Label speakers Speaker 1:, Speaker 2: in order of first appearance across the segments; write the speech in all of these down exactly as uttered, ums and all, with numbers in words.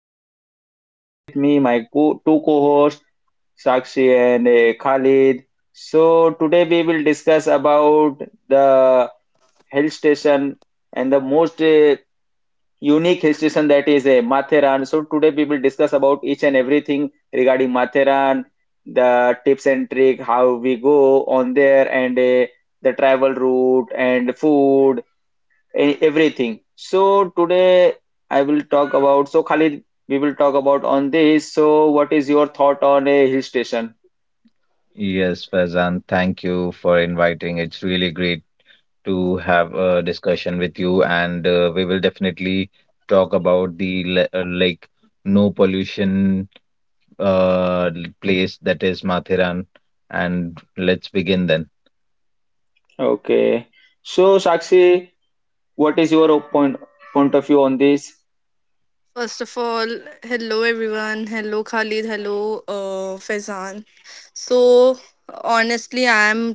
Speaker 1: Faizan, and today with me my co- two co-hosts Sakshi and uh, Khalid. So today we will discuss about the hill station and the most uh, unique hill station that is uh, Matheran. So today we will discuss about each and everything regarding Matheran, the tips and trick, how we go on there, and uh, the travel route and food e- everything. So today I will talk about. So Khalid, we will talk about on this. So what is your thought on a hill station?
Speaker 2: Yes, Faizan, thank you for inviting. It's really great to have a discussion with you, and uh, we will definitely talk about the le- uh, like no pollution uh l- place that is Mathiran, and let's begin then.
Speaker 1: Okay. So Sakshi, what is your point point of view on this?
Speaker 3: First of all, hello everyone. Hello Khalid. Hello uh, Faizan. So, Honestly, I am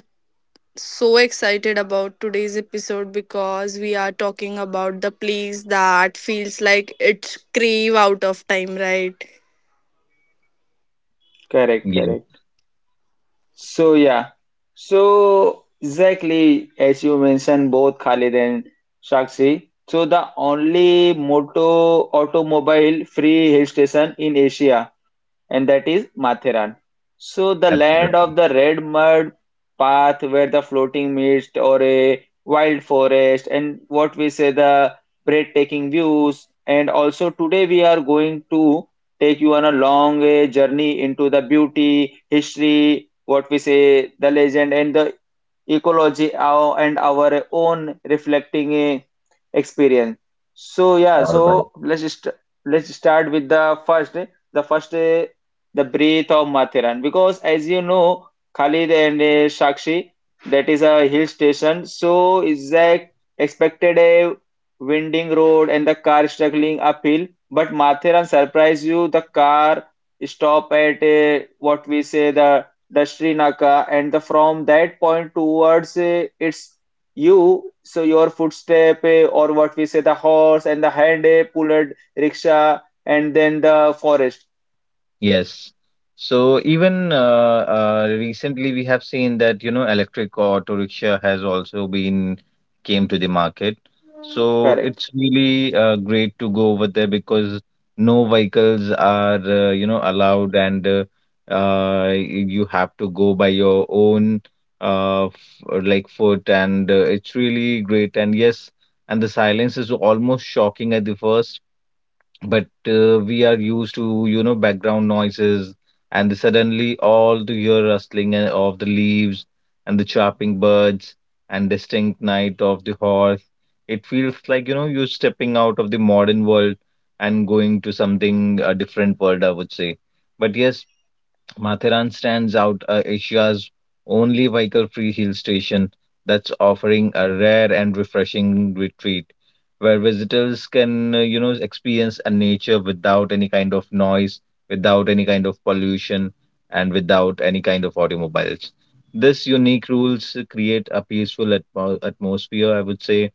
Speaker 3: so excited about today's episode because we are talking about the place that feels like it's crave out of time, right?
Speaker 1: Correct,
Speaker 2: Yes,
Speaker 1: correct. So yeah. So exactly as you mentioned, both Khalid and Sakshi. So the only moto automobile free hill station in Asia, and that is Matheran. So the land
Speaker 2: absolutely.
Speaker 1: of the red mud path where the floating mist or a wild forest and what we say the breathtaking views, and also today we are going to take you on a long eh, journey into the beauty, history, what we say the legend and the ecology our, and our own reflecting a experience. So yeah,
Speaker 2: All right.
Speaker 1: so let's just let's start with the first eh, the first eh, the breath of Mathiran. Because as you know, Khalid and eh, Sakshi, that is a hill station, so is that expected a winding road and the car struggling uphill, but Mathiran surprised you. The car stop at eh, what we say the the Srinaka, and the, from that point towards uh, it's you. So your footstep, uh, or what we say, the horse and the hand uh, pulled rickshaw, and then the forest.
Speaker 2: Yes. So even uh, uh, recently, we have seen that you know electric auto rickshaw has also been came to the market. So
Speaker 1: Correct.
Speaker 2: it's really uh, great to go over there because no vehicles are uh, you know allowed, and uh, uh, you have to go by your own uh, f- uh, like foot, and uh, it's really great. And yes, and the silence is almost shocking at the first but uh, we are used to you know background noises, and suddenly all the hear rustling and- of the leaves and the chirping birds and distinct night of the horse, it feels like you know you're stepping out of the modern world and going to something a different world, I would say. But yes, Mathiran stands out as Asia's only vehicle free hill station that's offering a rare and refreshing retreat where visitors can, uh, you know, experience a nature without any kind of noise, without any kind of pollution, and without any kind of automobiles. This unique rules create a peaceful atmo- atmosphere, I would say,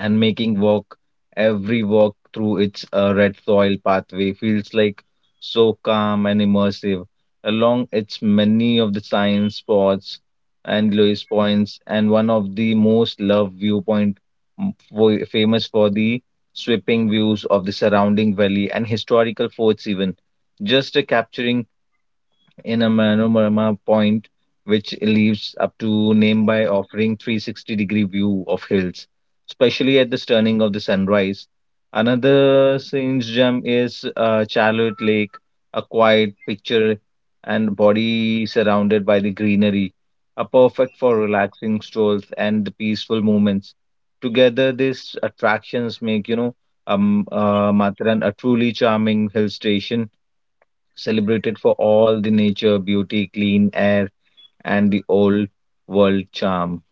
Speaker 2: and making walk every walk through its uh, red soil pathway feels like so calm and immersive along its many of the science spots and Lewis points and one of the most loved viewpoint m- fo- famous for the sweeping views of the surrounding valley and historical forts, even just uh, capturing in a Manorama point, which leaves up to name by offering three sixty degree view of hills, especially at the turning of the sunrise. Another scene's gem is uh, Charlotte Lake, a quiet picture and body surrounded by the greenery, are perfect for relaxing strolls and peaceful moments. Together, these attractions make you know um, uh, Matharan a truly charming hill station, celebrated for all the nature, beauty, clean air, and the old world charm.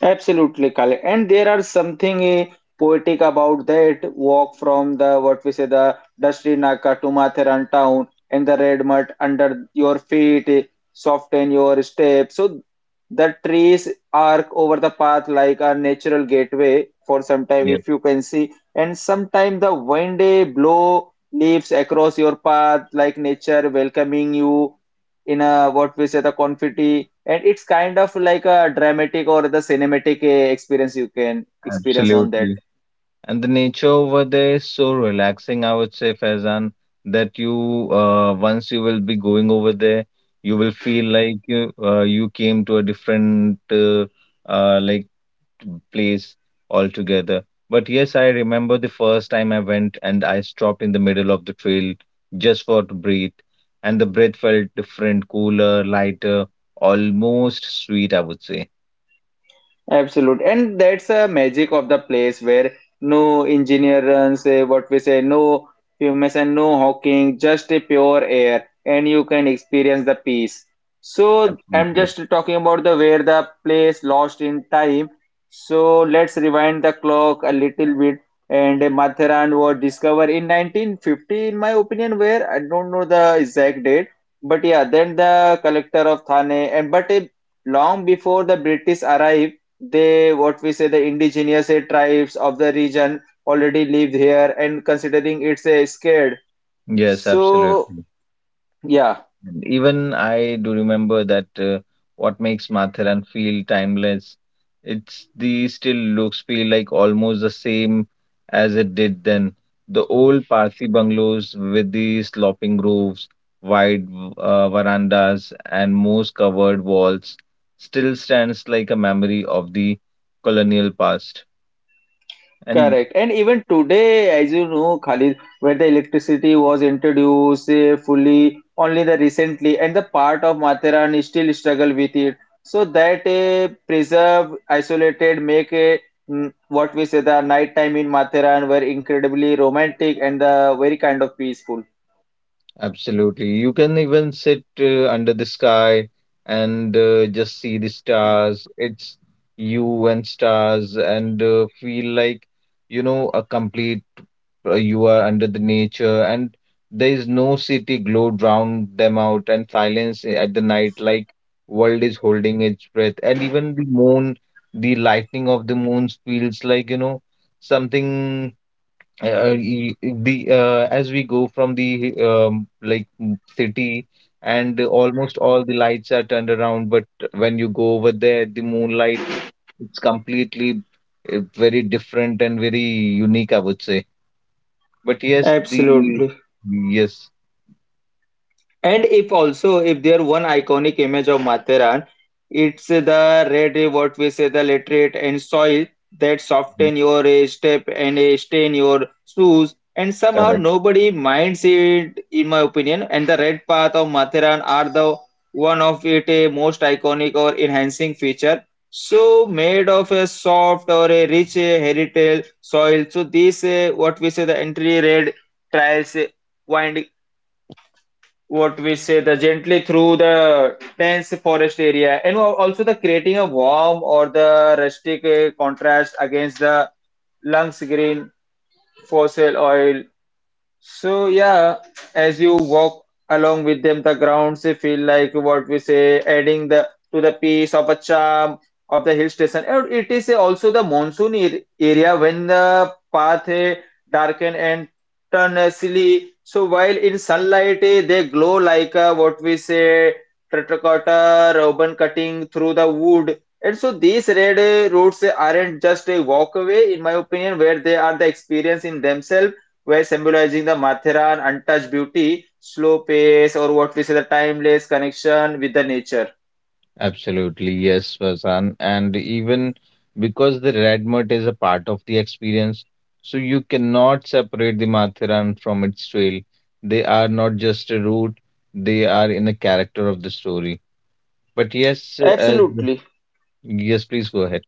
Speaker 1: Absolutely, Kale. And there are something eh, poetic about that walk from the what we say the Dusty Naka to Matheran town, and the red mud under your feet, eh, soften your step. So the trees arc over the path like a natural gateway for some time
Speaker 2: Yes,
Speaker 1: if you can see. And sometime the wind eh, blow leaves across your path like nature welcoming you in a what we say the confetti, and it's kind of like a dramatic or the cinematic uh, experience you can experience on that.
Speaker 2: absolutely. And the nature over there is so relaxing, I would say, Faizan, that you uh, once you will be going over there, you will feel like you uh, you came to a different uh, uh, like place altogether. But yes, I remember the first time I went and I stopped in the middle of the trail just for to breathe. And the breath felt different, cooler, lighter, almost sweet, I would say.
Speaker 1: Absolute, and that's a magic of the place where no engineer runs, eh, what we say, no fumes and no hawking, just a pure air, and you can experience the peace. So I'm
Speaker 2: Absolutely.
Speaker 1: just talking about the where the place lost in time. So let's rewind the clock a little bit, and eh, Matharan was discovered in nineteen fifty, in my opinion, where I don't know the exact date, but yeah, then the collector of Thane, and but eh, long before the British arrived. They, what we say, the indigenous eh, tribes of the region already live here and considering it's a scared.
Speaker 2: Yes,
Speaker 1: So,
Speaker 2: absolutely.
Speaker 1: yeah,
Speaker 2: And even I do remember that, uh, what makes Matharan feel timeless, it's the still looks feel like almost the same as it did then. The old Parsi bungalows with the sloping roofs, wide uh, verandas, and moss covered walls still stands like a memory of the colonial past. And
Speaker 1: correct. And even today, as you know, Khalid, where the electricity was introduced eh, fully only the recently, and the part of Matheran still struggle with it. So that eh, preserve, isolated, make a mm, what we say the nighttime in Matheran were incredibly romantic and the very kind of peaceful.
Speaker 2: absolutely. You can even sit uh, under the sky and uh, just see the stars. It's you and stars, and uh, feel like, you know, a complete, uh, you are under the nature, and there is no city glow drown them out, and silence eh, at the night, like world is holding its breath. And even the moon, the lightning of the moon feels like, you know, something uh, y- the uh, as we go from the um, like mm, city and almost all the lights are turned around, but when you go over there the moonlight, it's completely uh, very different and very unique, I would say. But yes, the
Speaker 1: Absolutely.
Speaker 2: yes
Speaker 1: And if also, if there one iconic image of Matheran, it's the red, what we say, the literate and soil that
Speaker 2: mhm,
Speaker 1: soften your eh, step and eh, stain your shoes. And somehow
Speaker 2: correct.
Speaker 1: nobody minds it, in my opinion. And the red path of Matheran are the one of it a most iconic or enhancing feature. So made of a soft or a rich eh, heritage soil. So this, eh, what we say, the entry red trails eh, wind what we say the gently through the dense forest area, and al- also the creating a warm or the rustic uh, contrast against the lungs green fossil oil. So yeah, as you walk along with them, the grounds they feel like what we say, adding the to the piece of a charm of the hill station. And it is also the monsoon ar- area when the path eh, darken and turn eh, silly. So while in sunlight eh, they glow like uh, what we say terracotta ribbon cutting through the wood. And so these red eh, roads eh, aren't just a walk away, in my opinion, where they are the experience in themselves, where symbolizing the Matheran untouched beauty, slow pace, or what we say the timeless connection with the nature.
Speaker 2: Absolutely, yes, Vasan. And even because the red mud is a part of the experience, so you cannot separate the Mathiran from its trail. They are not just a route, they are in a character of the story. But yes, as
Speaker 1: Absolutely.
Speaker 2: yes, please go ahead.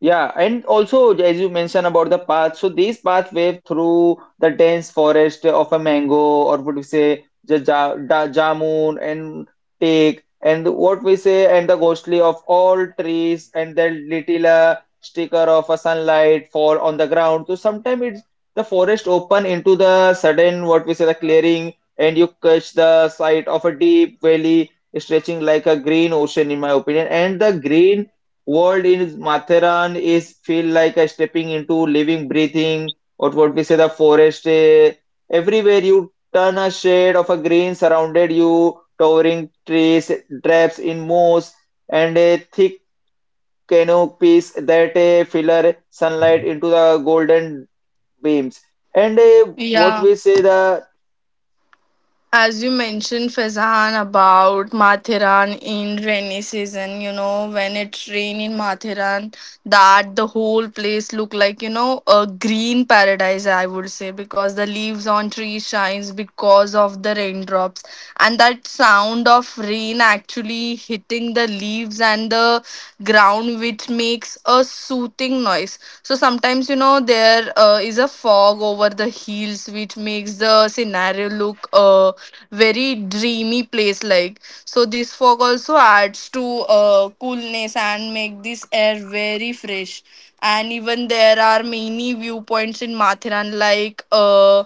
Speaker 1: Yeah, and also as you mentioned about the path, so these pathway through the dense forest of a mango, or what we say the ja da, jamun and teak and what we say and the ghostly of all trees, and the little uh, sticker of a sunlight fall on the ground. So sometimes it's the forest open into the sudden what we say the clearing, and you catch the sight of a deep valley stretching like a green ocean, in my opinion, and the green world in Matheran is feel like a stepping into living, breathing, or what we say the forest. eh, Everywhere you turn a shade of a green surrounded you, towering trees, traps in moss, and a thick canopy that eh, filter sunlight into the golden beams. And eh, what
Speaker 3: Yeah.
Speaker 1: we say the
Speaker 3: As you mentioned Fazan about Mathiran in rainy season, you know, when it rain in Mathiran, that the whole place look like, you know, a green paradise I would say because the leaves on trees shines because of the raindrops, and that sound of rain actually hitting the leaves and the ground which makes a soothing noise. So sometimes you know there uh, is a fog over the hills which makes the scenario look look a very dreamy place like. So this fog also adds to uh, coolness and make this air very fresh. And even there are many viewpoints in Mathiran like uh,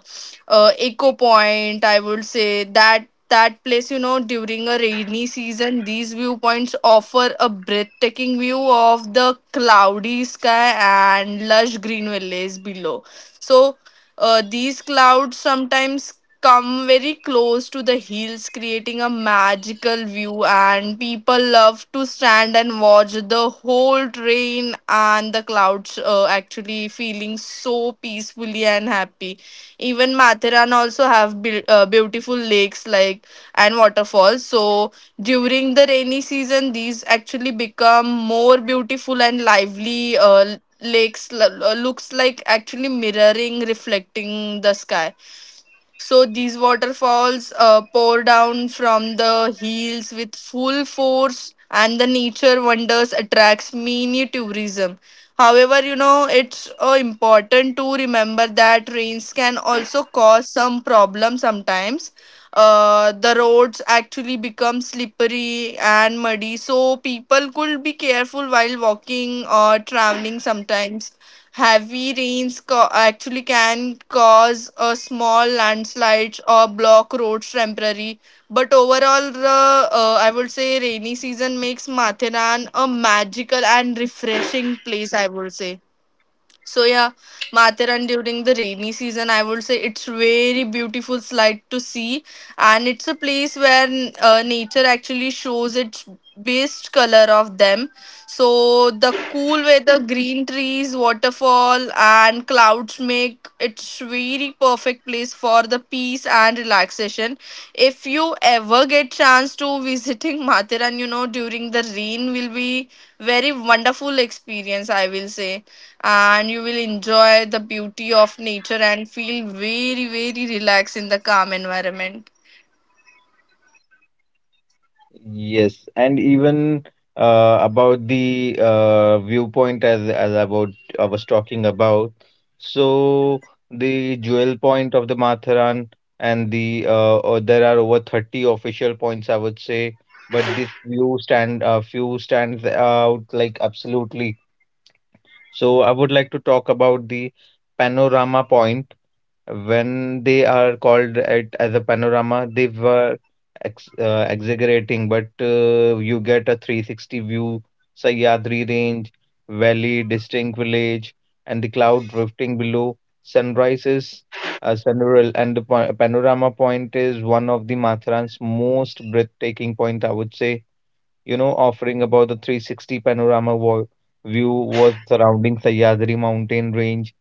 Speaker 3: uh, Eco Point. I would say that that place you know during a rainy season these viewpoints offer a breathtaking view of the cloudy sky and lush green valleys below. So uh, these clouds sometimes come very close to the hills, creating a magical view, and people love to stand and watch the whole train and the clouds uh, actually feeling so peacefully and happy. Even Mathiran also have be- uh, beautiful lakes like and waterfalls. So during the rainy season, these actually become more beautiful and lively. Uh, lakes l- looks like actually mirroring reflecting the sky, so these waterfalls uh, pour down from the hills with full force, and the nature wonders attracts many tourism. However, you know it's uh, important to remember that rains can also cause some problem sometimes. Uh, the roads actually become slippery and muddy, so people could be careful while walking or traveling sometimes. Heavy rains co- actually can cause a small landslides or block roads temporarily. But overall, the uh, I would say rainy season makes Mathiran a magical and refreshing place. I would say so. Yeah, Mathiran during the rainy season, I would say it's very beautiful sight to see, and it's a place where uh, nature actually shows its best color of them. So the cool weather, green trees, waterfall, and clouds make it very perfect place for the peace and relaxation. If you ever get chance to visiting Mathiran, you know during the rain will be very wonderful experience. I will say, and you will enjoy the beauty of nature and feel very very relaxed in the calm environment.
Speaker 2: Yes, and even uh, about the uh, viewpoint as as about I was talking about. So the jewel point of the Matharan, and the uh, uh, there are over thirty official points, I would say, but this few stand uh, few stands out like absolutely. So I would like to talk about the panorama point. When they are called it as a panorama, they were ex uh, exaggerating, but uh, you get a three sixty view, Sahyadri Range, valley, distinct village, and the cloud drifting below. Sunrise is uh, sunrural, and the pa panorama point is one of the Matharan's most breathtaking point, I would say. You know, offering about a three sixty panorama vo view was surrounding Sahyadri mountain range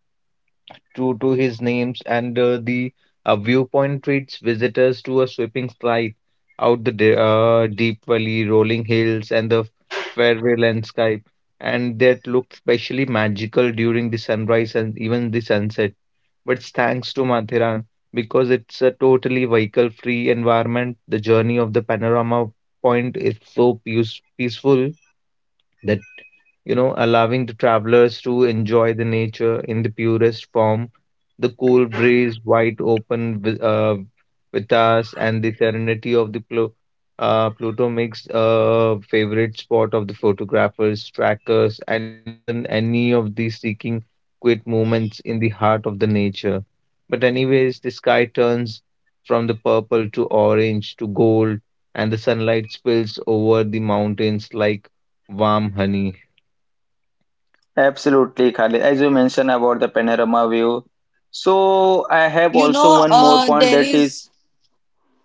Speaker 2: true to his names, and uh, the uh, viewpoint treats visitors to a sweeping sight out the de- uh, deep valley, rolling hills, and the fairway landscape, and that look specially magical during the sunrise and even the sunset. But thanks to Mathiran, because it's a totally vehicle-free environment, the journey of the panorama point is so peace- peaceful. That you know, allowing the travelers to enjoy the nature in the purest form, the cool breeze wide open with, uh, with us, and the serenity of the Plu- uh, Pluto makes a favorite spot of the photographers, trackers, and even any of the seeking quiet moments in the heart of the nature. But anyways, the sky turns from the purple to orange to gold, and the sunlight spills over the mountains like warm honey.
Speaker 1: Absolutely, Khalid. As you mentioned about the panorama view, so I have
Speaker 3: You
Speaker 1: also
Speaker 3: know,
Speaker 1: one more
Speaker 3: uh,
Speaker 1: point,
Speaker 3: there
Speaker 1: that is
Speaker 3: is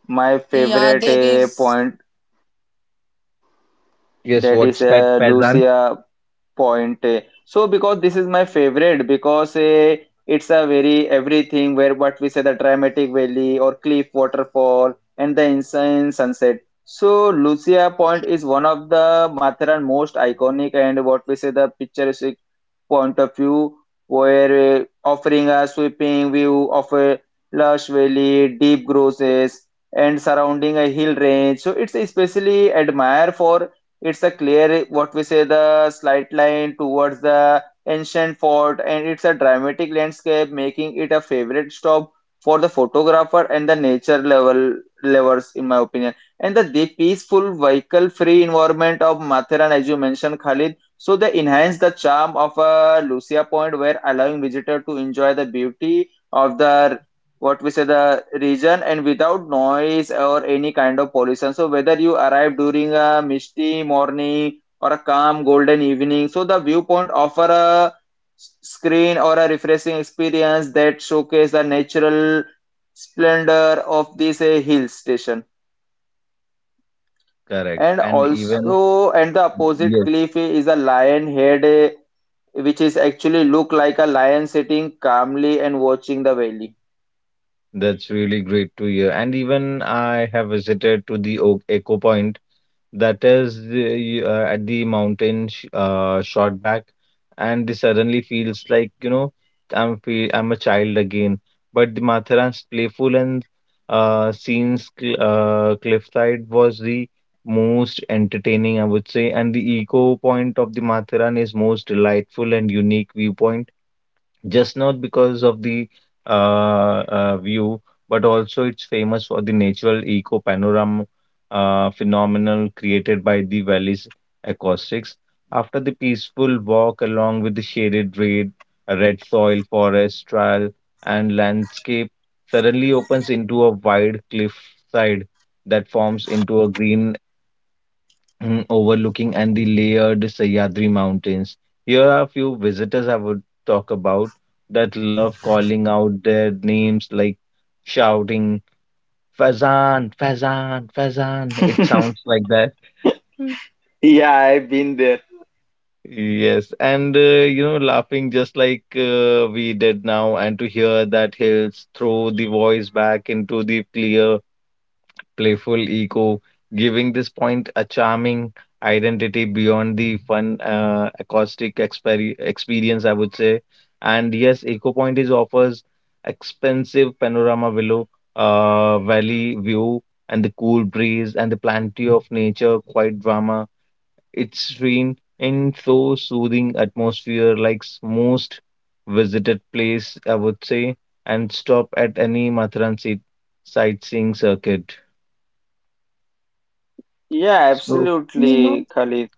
Speaker 1: my
Speaker 3: yeah,
Speaker 1: favorite
Speaker 3: there
Speaker 1: eh,
Speaker 3: is.
Speaker 1: point,
Speaker 2: Yes,
Speaker 1: that is
Speaker 2: what's that
Speaker 1: uh,
Speaker 2: Faizan?
Speaker 1: Lucia point. eh. So because this is my favorite, because eh, it's a very everything where what we say the dramatic valley or cliff waterfall and the insane sunset. So Lucia Point is one of the Matheran most iconic and what we say the picturesque point of view, where uh, offering a sweeping view of a lush valley, deep grosses, and surrounding a hill range. So it's especially admired for it's a clear what we say the slight line towards the ancient fort, and it's a dramatic landscape, making it a favorite stop for the photographer and the nature level lovers, in my opinion. And the, the peaceful vehicle-free environment of Matharan, as you mentioned, Khalid, so they enhance the charm of uh, Lucia Point, where allowing visitor to enjoy the beauty of the what we say the region, and without noise or any kind of pollution. So whether you arrive during a misty morning or a calm golden evening, so the viewpoint offer a s- screen or a refreshing experience that showcase the natural splendor of this uh, hill station.
Speaker 2: Correct.
Speaker 1: And
Speaker 2: And even,
Speaker 1: also, and the opposite
Speaker 2: yes,
Speaker 1: cliff is a lion head uh, which is actually look like a lion sitting calmly and watching the valley.
Speaker 2: that's really great to hear. And even I have visited to the o Eco Point, that is the, uh, at the mountain sh uh, shot back, and this suddenly feels like, you know, I'm feel I'm a child again. But the Matharan's playful and uh, scenes cl uh, cliffside was the most entertaining, I would say, and the Eco Point of the Matharan is most delightful and unique viewpoint just not because of the uh, uh, view, but also it's famous for the natural eco panorama uh, phenomenon created by the valley's acoustics. After the peaceful walk along with the shaded red, red soil, forest, trail, and landscape, suddenly opens into a wide cliff side that forms into a green mm, overlooking and the layered Sahyadri Mountains. Here are a few visitors I would talk about that love calling out their names like shouting Fazan, Fazan, Fazan. It sounds like that. Mm.
Speaker 1: Yeah, I've been there.
Speaker 2: Yes, and uh, you know, laughing just like uh, we did now, and to hear that hills throw the voice back into the clear playful ego, giving this point a charming identity beyond the fun uh, acoustic exper- experience, I would say. And yes, Eco Point is offers expensive panorama below uh, valley view and the cool breeze and the plenty of nature, quiet drama. It's serene and so soothing atmosphere, like s- most visited place, I would say, and stop at any Matharan sit- sightseeing circuit.
Speaker 1: Yeah,
Speaker 2: So
Speaker 3: You
Speaker 1: absolutely,
Speaker 3: know.
Speaker 1: Khalid.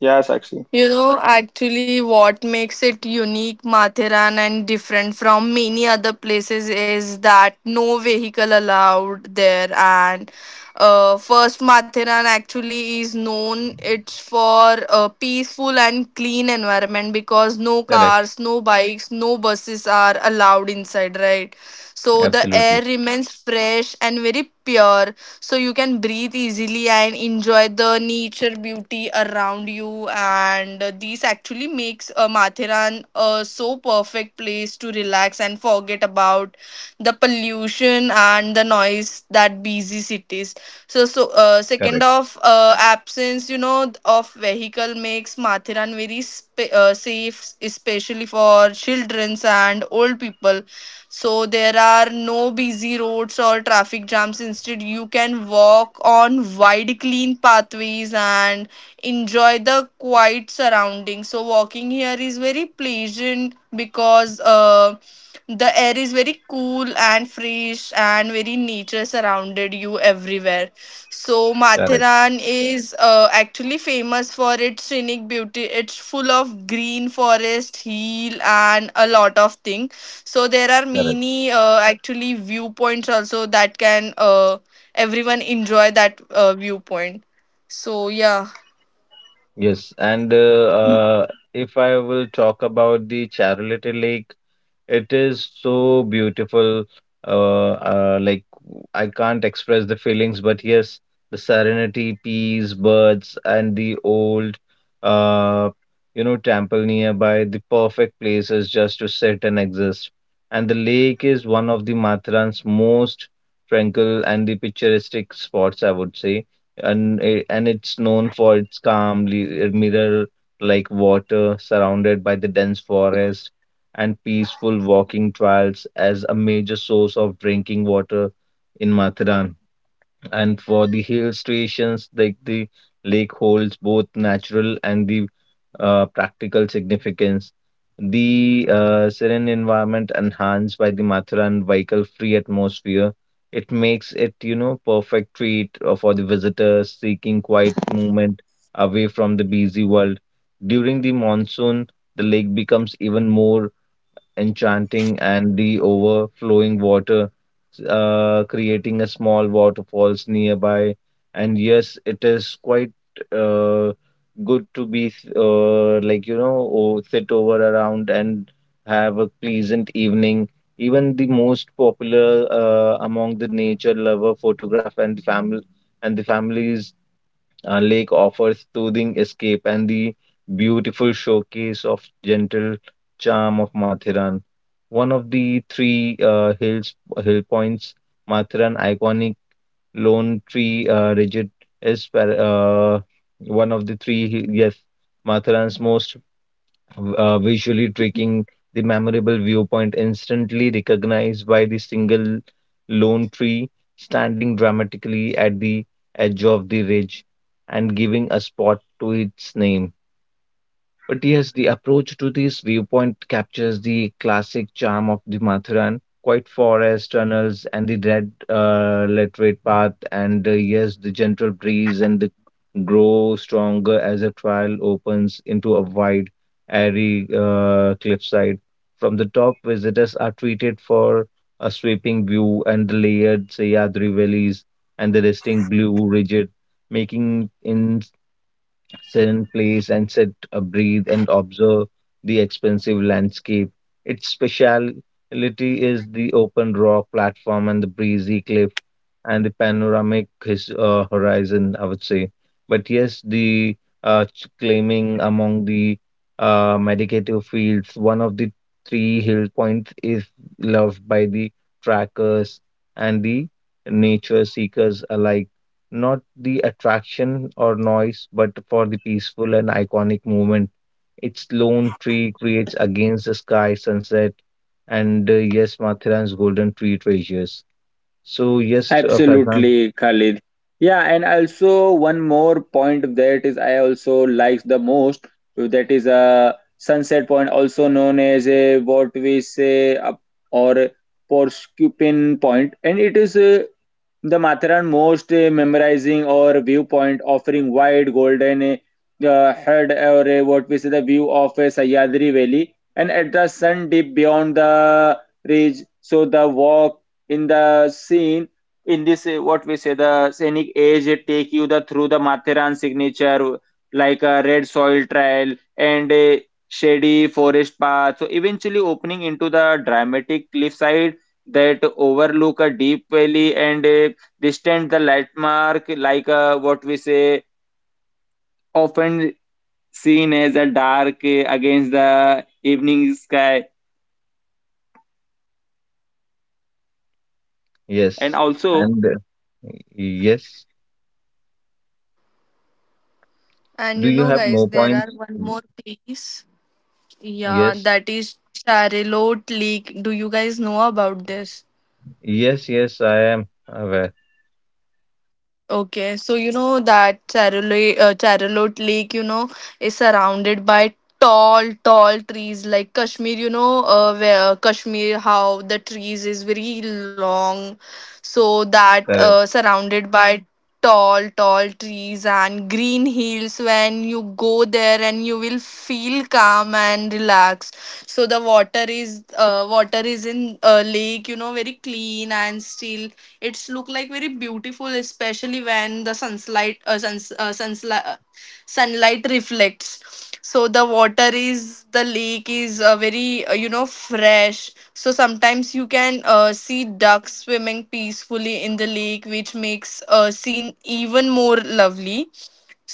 Speaker 1: Yeah, Sakshi.
Speaker 3: You know, actually, what makes it unique, Mathiran, and different from many other places is that no vehicle allowed there, and uh, first Matheran actually is known it's for a peaceful and clean environment because no
Speaker 2: correct.
Speaker 3: cars, no bikes, no buses are allowed inside, right? So the
Speaker 2: Absolutely.
Speaker 3: air remains fresh and very pure, so you can breathe easily and enjoy the nature beauty around you and and uh, this actually makes uh, Matheran a so perfect place to relax and forget about the pollution and the noise that busy cities. So, so uh, second
Speaker 2: Correct.
Speaker 3: of uh, absence, you know, of vehicle makes Matheran very sp- uh, safe, especially for childrens and old people. So there are no busy roads or traffic jams. Instead you can walk on wide clean pathways and enjoy the quiet surroundings. So walking here is very pleasant because uh, the air is very cool and fresh and very nature surrounded you everywhere. So
Speaker 2: Correct.
Speaker 3: Mathiran is uh, actually famous for its scenic beauty. It's full of green forest, hill, and a lot of things. So there are
Speaker 2: Correct.
Speaker 3: many uh, actually viewpoints also that can uh, everyone enjoy that uh, viewpoint. So yeah,
Speaker 2: Yes. And uh, uh, if I will talk about the Charlotte Lake, it is so beautiful. Uh, uh, like I I can't express the feelings, but yes, the serenity, peace, birds, and the old, uh, you know, temple nearby, the perfect places just to sit and exist. And the lake is one of the Matharan's most tranquil and the picturesque spots, I would say. And it, and it's known for its calm, mirror-like water surrounded by the dense forest and peaceful walking trails as a major source of drinking water in Mathiran. And for the hill stations, like the lake holds both natural and the uh, practical significance. The uh, serene environment enhanced by the Mathiran vehicle-free atmosphere, it makes it, you know, perfect treat uh, for the visitors seeking quiet movement away from the busy world. During the monsoon, the lake becomes even more enchanting, and the overflowing water uh, creating a small waterfalls nearby. And yes, it is quite uh, good to be uh, like you know o- sit over around and have a pleasant evening. Even the most popular uh, among the nature lover photograph and family and the families, a lake offers soothing escape and the beautiful showcase of gentle charm of Mathiran. One of the three uh, hills hill points, Mathiran iconic lone tree uh, rigid is par- uh, one of the three hi- yes Mathiran's most v- uh, visually tricking the memorable viewpoint instantly recognized by the single lone tree standing dramatically at the edge of the ridge and giving a spot to its name. But yes, the approach to this viewpoint captures the classic charm of the Mathuran, quiet forest tunnels and the red uh, laterite path, and uh, yes, the gentle breeze and the grow stronger as the trail opens into a wide, airy uh, cliffside. From the top, visitors are treated for a sweeping view and the layered Sayadri valleys and the resting blue ridge, making in sit in place and sit, uh, breathe, and observe the expensive landscape. Its speciality is the open rock platform and the breezy cliff and the panoramic his, uh, horizon, I would say. But yes, the uh, ch- claiming among the uh, medicative fields, one of the three hill points is loved by the trackers and the nature seekers alike, not the attraction or noise, but for the peaceful and iconic moment its lone tree creates against the sky sunset, and uh, yes, Mathiran's golden tree treasures. So yes, uh, Faizan,
Speaker 1: Absolutely, Khalid. Yeah, and also one more point, that is I also like the most, that is a sunset point, also known as a what we say up or porcupine point, and it is uh, the Matheran most uh, memorizing or viewpoint offering wide golden uh, head or uh, what we say the view of uh, Sahyadri Valley and at the sun deep beyond the ridge. So the walk in the scene in this uh, what we say the scenic edge, it take you the through the Matheran signature like a red soil trail and a shady forest path, so eventually opening into the dramatic cliffside that overlook a deep valley and a distant the landmark like uh, what we say often seen as a dark uh, against the evening sky. And
Speaker 2: yes,
Speaker 1: also
Speaker 2: and uh, yes.
Speaker 3: and you
Speaker 2: Do you
Speaker 3: know
Speaker 2: have
Speaker 3: guys,
Speaker 2: more
Speaker 3: there are
Speaker 2: points?
Speaker 3: one more place. Yeah,
Speaker 2: Yes,
Speaker 3: that is Charlotte Lake. Do you guys know about this?
Speaker 2: yes, yes. I am aware.
Speaker 3: Okay, so you know that Charolo- uh, Charlotte Lake, you know, is surrounded by tall, tall trees like Kashmir, you know, uh, where uh, Kashmir, how the trees is very long. So that uh,
Speaker 2: Correct.
Speaker 3: surrounded by tall, tall trees and green hills. When you go there and you will feel calm and relaxed. So the water is, uh, water is in uh, lake, you know, very clean and still. It's look like very beautiful, especially when the sunlight uh, suns, uh, sunsli- uh, sunlight reflects. So the water is the lake is uh, very uh, you know fresh. So sometimes you can uh, see ducks swimming peacefully in the lake, which makes a scene even more lovely.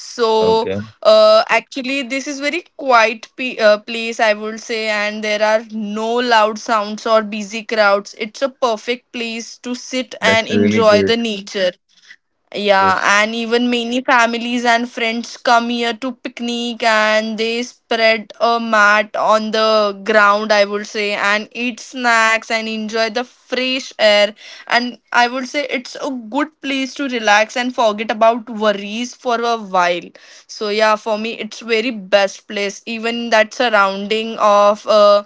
Speaker 3: So
Speaker 2: Okay,
Speaker 3: uh, actually, this is very quiet p uh, place, I would say, and there are no loud sounds or busy crowds. It's a perfect place to sit and
Speaker 2: that's really
Speaker 3: enjoy the
Speaker 2: great.
Speaker 3: nature. Yeah,
Speaker 2: Yes,
Speaker 3: and even many families and friends come here to picnic and they spread a mat on the ground, I would say, and eat snacks and enjoy the fresh air. And I would say it's a good place to relax and forget about worries for a while. So yeah, for me it's very best place. Even that surrounding of uh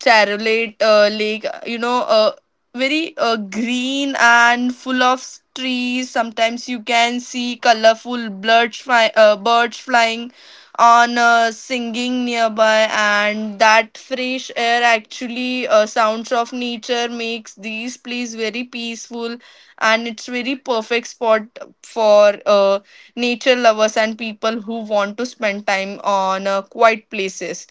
Speaker 3: Charolate uh, Lake, you know, uh, very uh, green and full of trees. Sometimes you can see colorful birds, fly, uh, birds flying on uh, singing nearby, and that fresh air actually uh, sounds of nature makes these place very peaceful, and it's very perfect spot for uh, nature lovers and people who want to spend time on uh, quiet places.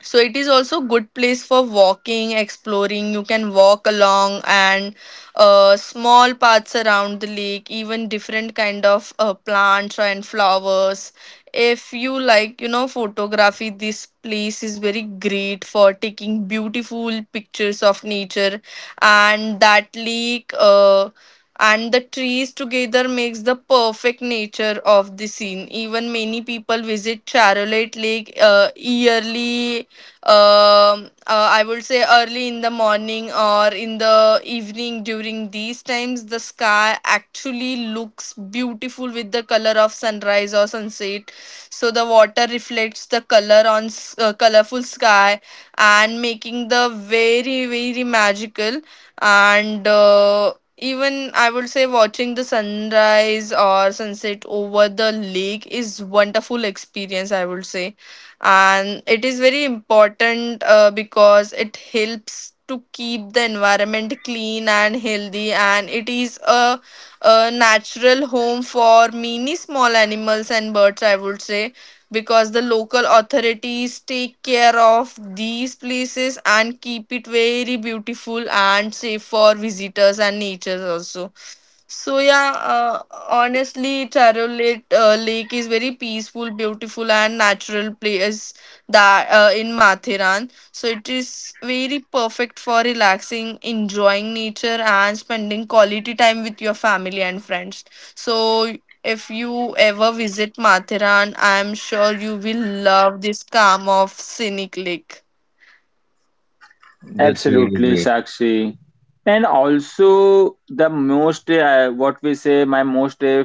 Speaker 3: So it is also good place for walking exploring. You can walk along and uh, small paths around the lake, even different kind of uh, plants and flowers. If you like you know photography, this place is very great for taking beautiful pictures of nature, and that lake uh, and the trees together makes the perfect nature of the scene. Even many people visit Charolette Lake uh, yearly. um uh, I would say early in the morning or in the evening. During these times the sky actually looks beautiful with the color of sunrise or sunset, so the water reflects the color on s- uh, colorful sky, and making the very very magical. And uh, Even I would say watching the sunrise or sunset over the lake is wonderful experience I would say. And it is very important uh, because it helps to keep the environment clean and healthy, and it is a, a natural home for many small animals and birds I would say, because the local authorities take care of these places and keep it very beautiful and safe for visitors and nature also. So yeah, uh, honestly, Taro Lake, uh, Lake is very peaceful, beautiful, and natural place that uh, in Mathiran. So it is very perfect for relaxing, enjoying nature, and spending quality time with your family and friends. So if you ever visit Mathiran, I am sure you will love this calm of scenic lake.
Speaker 2: that's really
Speaker 1: absolutely
Speaker 2: great.
Speaker 1: Sakshi, and also the most uh, what we say my most uh,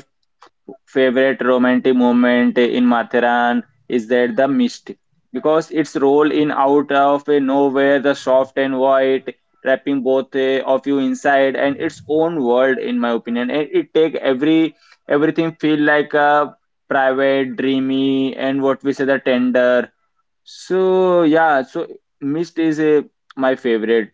Speaker 1: favorite romantic moment in Matharan is that the mist, because its role in out of eh, nowhere, the soft and white, wrapping both uh, of you inside and its own world, in my opinion. And it take every everything feel like a private, dreamy, and what we say the tender. So yeah, so mist is uh, my favorite,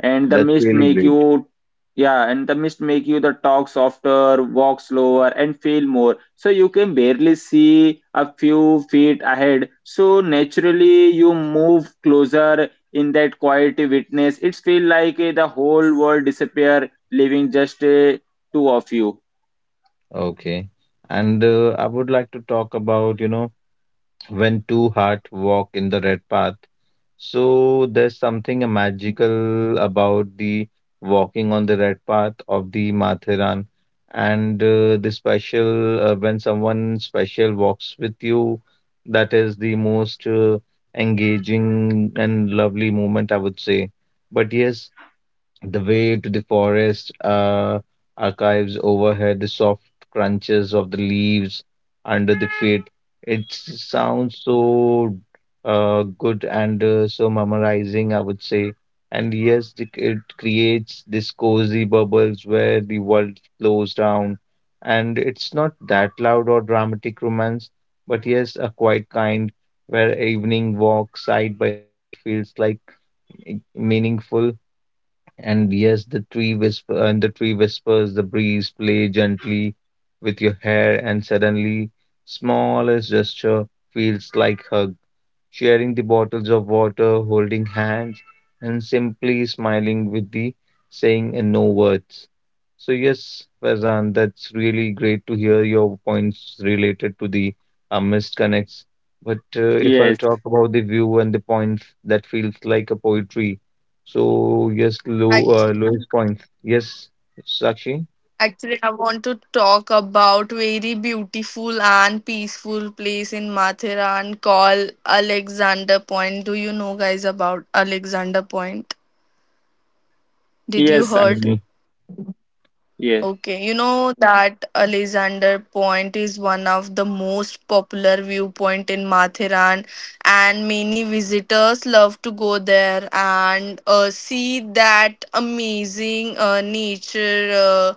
Speaker 1: and the
Speaker 2: That's
Speaker 1: mist
Speaker 2: really
Speaker 1: make
Speaker 2: great.
Speaker 1: you yeah, and the mist make you the talk softer, walk slower, and feel more, so you can barely see a few feet ahead, so naturally you move closer in that quiet witness. It's feel like eh, the whole world disappear, leaving just eh, two of you.
Speaker 2: Okay. And uh, I would like to talk about, you know, when two hearts walk in the red path. So there's something magical about the walking on the red path of the Mathiran. And uh, the special, uh, when someone special walks with you, that is the most uh, engaging and lovely moment, I would say. But yes, the way to the forest uh, archives overhead, the soft crunches of the leaves under the feet. It s- sounds so uh, good and uh, so memorizing, I would say. And yes, the, it creates this cozy bubbles where the world flows down. And it's not that loud or dramatic romance, but yes, a quiet kind where evening walk side by side feels like eh, meaningful and yes, the tree whisper and the tree whispers, the breeze play gently with your hair, and suddenly smallest gesture feels like hug, sharing the bottles of water, holding hands, and simply smiling with the saying and no words. So, yes, Fazan, that's really great to hear your points related to the uh, missed connects. But uh, if I
Speaker 1: Yes,
Speaker 2: talk about the view and the points, that feels like a poetry. So, yes, low, uh,
Speaker 3: Actually.
Speaker 2: lowest points. Yes, Sakshi?
Speaker 3: Actually, I want to talk about very beautiful and peaceful place in Mathiran called Alexander Point. Do you know guys about Alexander Point? Did
Speaker 2: Mm,
Speaker 3: you
Speaker 1: yes
Speaker 3: heard?
Speaker 2: mm,
Speaker 1: actually, yes.
Speaker 3: Okay, you know that Alexander Point is one of the most popular viewpoint in Matheran, and many visitors love to go there and uh, see that amazing uh, nature uh,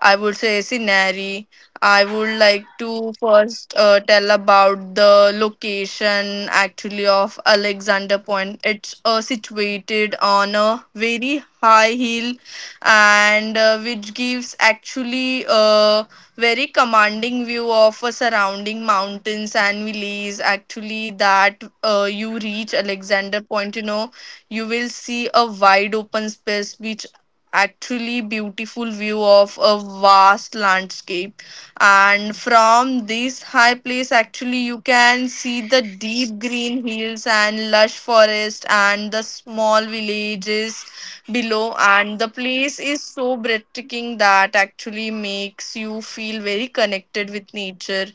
Speaker 3: I would say scenery. I would like to first uh, tell about the location actually of Alexander Point. It's uh, situated on a very high hill, and uh, which gives actually a very commanding view of a surrounding mountains and valleys. Actually that uh, you reach Alexander Point, you know, you will see a wide open space which actually beautiful view of a vast landscape, and from this high place actually you can see the deep green hills and lush forest and the small villages below, and the place is so breathtaking that actually makes you feel very connected with nature.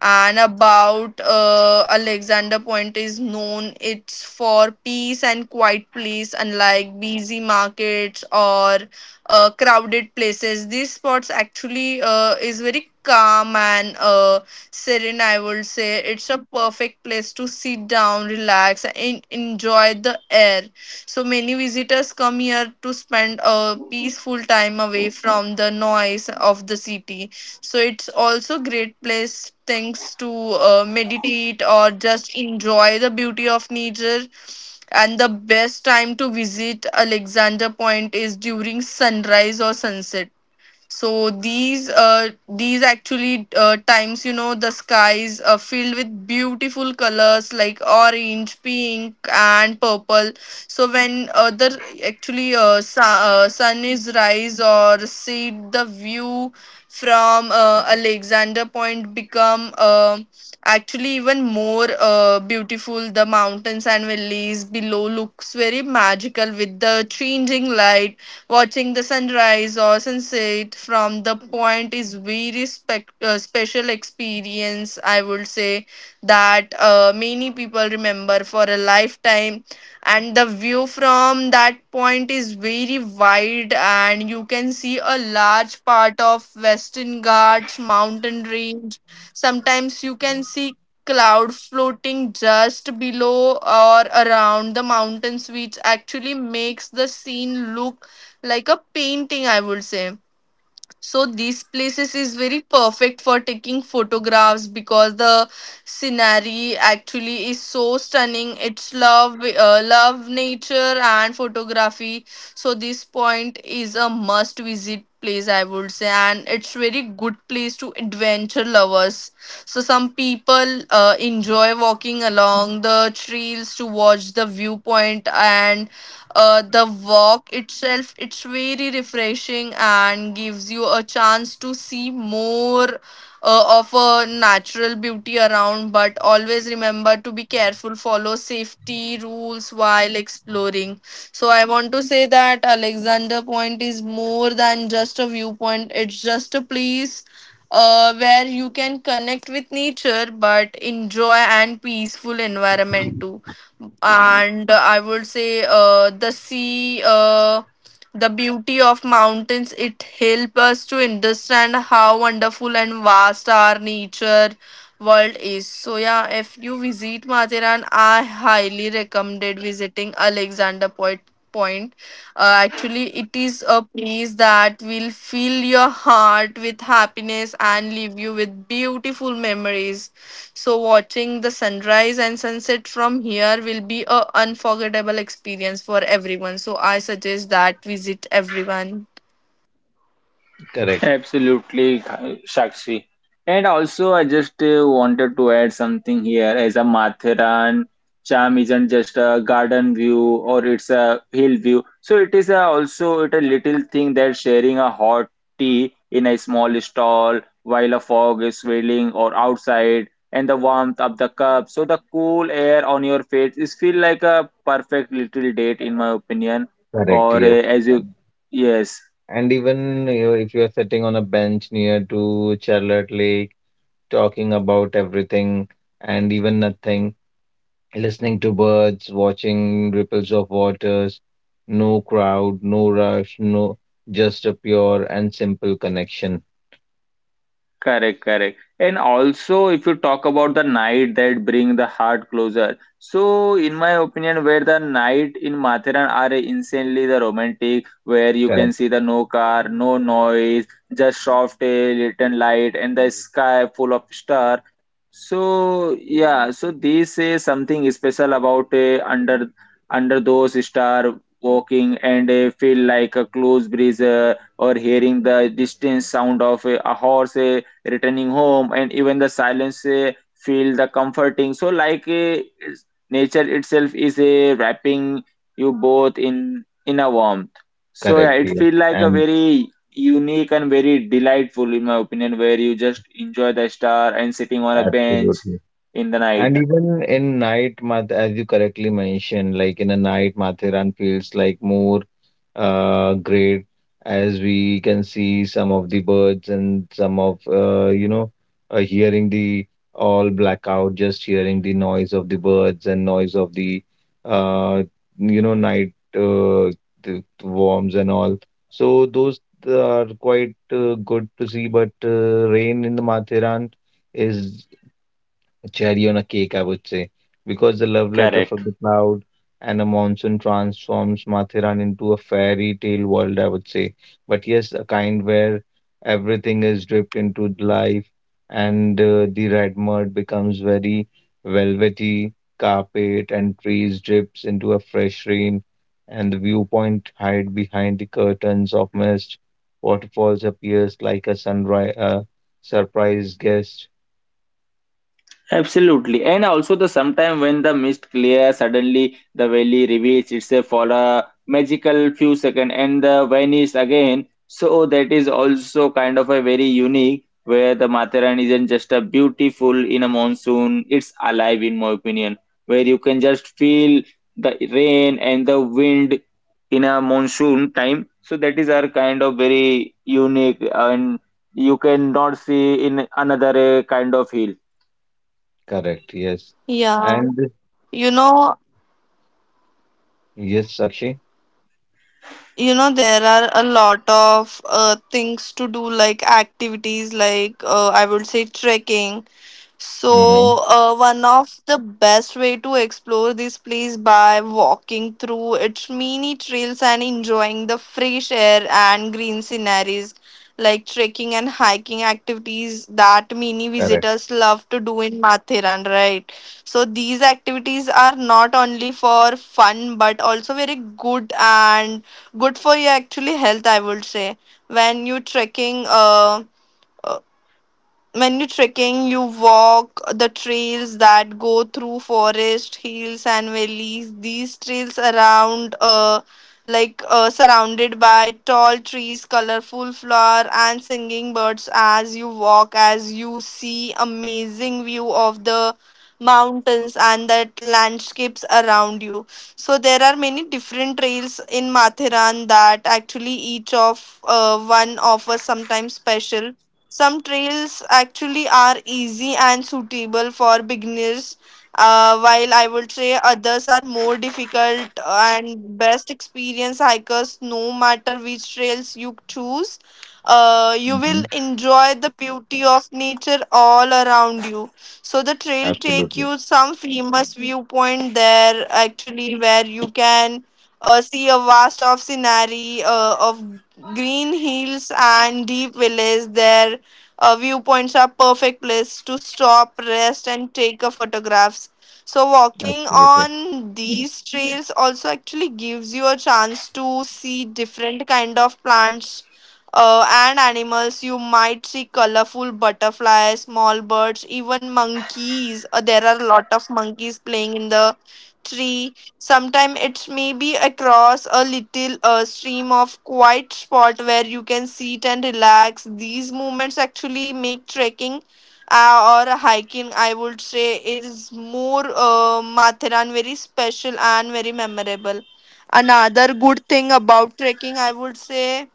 Speaker 3: And about uh, Alexander Point is known it's for peace and quiet place. Unlike busy markets or uh, crowded places, these spots actually uh, is very calm and uh, serene I would say. It's a perfect place to sit down, relax, and enjoy the air. So many visitors come here to spend a peaceful time away from the noise of the city. So it's also great place things to uh, meditate or just enjoy the beauty of nature. And the best time to visit Alexander Point is during sunrise or sunset. So these uh these actually uh, times you know the skies are filled with beautiful colors like orange, pink, and purple. So when uh, the actually uh, su- uh, sun is rise or set, the view from uh, Alexander Point become uh, actually even more uh, beautiful. The mountains and valleys below looks very magical with the changing light. Watching the sunrise or sunset from the point is very spec- uh, special experience. I would say that uh, many people remember for a lifetime, and the view from that point is very wide, and you can see a large part of Western Ghats mountain range. Sometimes you can see cloud floating just below or around the mountains, which actually makes the scene look like a painting, I would say. So these places is very perfect for taking photographs because the scenery actually is so stunning. It's love uh, love nature and photography. So this point is a must visit place, I would say, and it's very good place to adventure lovers. So some people uh, enjoy walking along the trails to watch the viewpoint, and uh, the walk itself it's very refreshing and gives you a chance to see more uh, of a natural beauty around. But always remember to be careful, follow safety rules while exploring. So I want to say that alexander point is more than just a viewpoint, it's just a place uh, where you can connect with nature but enjoy and peaceful environment too. And uh, I would say uh, the sea uh, the beauty of mountains, it help us to understand how wonderful and vast our nature world is. So yeah, if you visit mathiran, I highly recommended visiting alexander point point uh, actually. It is a place that will fill your heart with happiness and leave you with beautiful memories. So, watching the sunrise and sunset from here will be a unforgettable experience for everyone. So, I suggest that visit everyone.
Speaker 2: correct,
Speaker 1: Absolutely, Shakshi. And also, I just uh, wanted to add something here. As a Mathiran, charm isn't just a garden view or it's a hill view. So it is a, also it a little thing that sharing a hot tea in a small stall while a fog is swirling or outside, and the warmth of the cup. So the cool air on your face is feel like a perfect little date, in my opinion.
Speaker 2: correct,
Speaker 1: Or uh,
Speaker 2: yes.
Speaker 1: as you, yes.
Speaker 2: And even you know, if you are sitting on a bench near to Charlotte Lake, talking about everything and even nothing, listening to birds, watching ripples of waters, no crowd, no rush, no, just a pure and simple connection.
Speaker 1: Correct, correct. And also, if you talk about the night that bring the heart closer, so in my opinion, where the night in Matheran are insanely the romantic, where you can
Speaker 2: Correct,
Speaker 1: see the no car, no noise, just soft eh, little light, and the sky full of star. So yeah, so this is something special about eh, under under those star walking and eh, feel like a close breeze eh, or hearing the distant sound of a, a horse. Eh, returning home and even the silence uh, feel the comforting so like uh, is- nature itself is uh, wrapping you both in in a warmth. So yeah,
Speaker 2: correct,
Speaker 1: it
Speaker 2: yes,
Speaker 1: feel like a
Speaker 2: and
Speaker 1: very unique and very delightful in my opinion, where you just enjoy the star and sitting on a bench
Speaker 2: absolutely.
Speaker 1: in the
Speaker 2: And
Speaker 1: night.
Speaker 2: even in night, Math, as you correctly mentioned, like in a night, Mathiran feels like more uh, great as we can see some of the birds and some of, uh, you know, uh, hearing the all blackout, just hearing the noise of the birds and noise of the, uh, you know, night uh, the worms and all. So those are quite uh, good to see, but uh, rain in the Mathiran is a cherry on a cake, I would say, because the love letter from
Speaker 1: Correct.
Speaker 2: the cloud and a monsoon transforms Mathiran into a fairy tale world, I would say. But yes, a kind where everything is dripped into the life and uh, the red mud becomes very velvety carpet and trees drips into a fresh rain and the viewpoint hide behind the curtains of mist. Waterfalls appears like a sunrise, uh, surprise guest.
Speaker 1: Absolutely. And also the sometime when the mist clear, suddenly the valley reveals itself for a magical few seconds and the vanish again. So that is also kind of a very unique where the Matharan isn't just a beautiful in a monsoon, it's alive in my opinion, where you can just feel the rain and the wind in a monsoon time. So that is our kind of very unique and you cannot see in another uh, kind of hill.
Speaker 2: Correct. Yes.
Speaker 3: Yeah,
Speaker 2: And
Speaker 3: you know,
Speaker 2: yes, Sakshi.
Speaker 3: you know there are a lot of uh, things to do, like activities like uh, I would say trekking. So,
Speaker 2: Mm-hmm.
Speaker 3: uh, one of the best way to explore this place by walking through its mini trails and enjoying the fresh air and green sceneries, like trekking and hiking activities that many
Speaker 2: Correct.
Speaker 3: visitors love to do in Mathiran, right? So, these activities are not only for fun but also very good and good for your actually health, I would say. When you trekking, uh, uh, when you trekking, you walk the trails that go through forest hills and valleys. These trails around uh like uh, surrounded by tall trees, colorful flower, and singing birds. As you walk, as you see amazing view of the mountains and that landscapes around you. So there are many different trails in mathiran that actually each of uh, one offers sometimes special. Some trails actually are easy and suitable for beginners, uh, while I would say others are more difficult and best experienced hikers. No matter which trails you choose, uh, you
Speaker 2: Mm-hmm.
Speaker 3: will enjoy the beauty of nature all around you. So the trail take
Speaker 2: Absolutely.
Speaker 3: you some famous viewpoint there actually, where you can uh, see a vast of scenery uh, of green hills and deep valleys there. Uh, viewpoints are perfect place to stop, rest, and take a photographs. So walking
Speaker 2: Absolutely.
Speaker 3: on these trails also actually gives you a chance to see different kind of plants uh, and animals. You might see colorful butterflies, small birds, even monkeys. Uh, there are a lot of monkeys playing in the tree. Sometime it may be across a little uh, stream of quiet spot where you can sit and relax. These moments actually make trekking uh, or hiking, I would say, it is more uh, matharan very special and very memorable. Another good thing about trekking, I would say,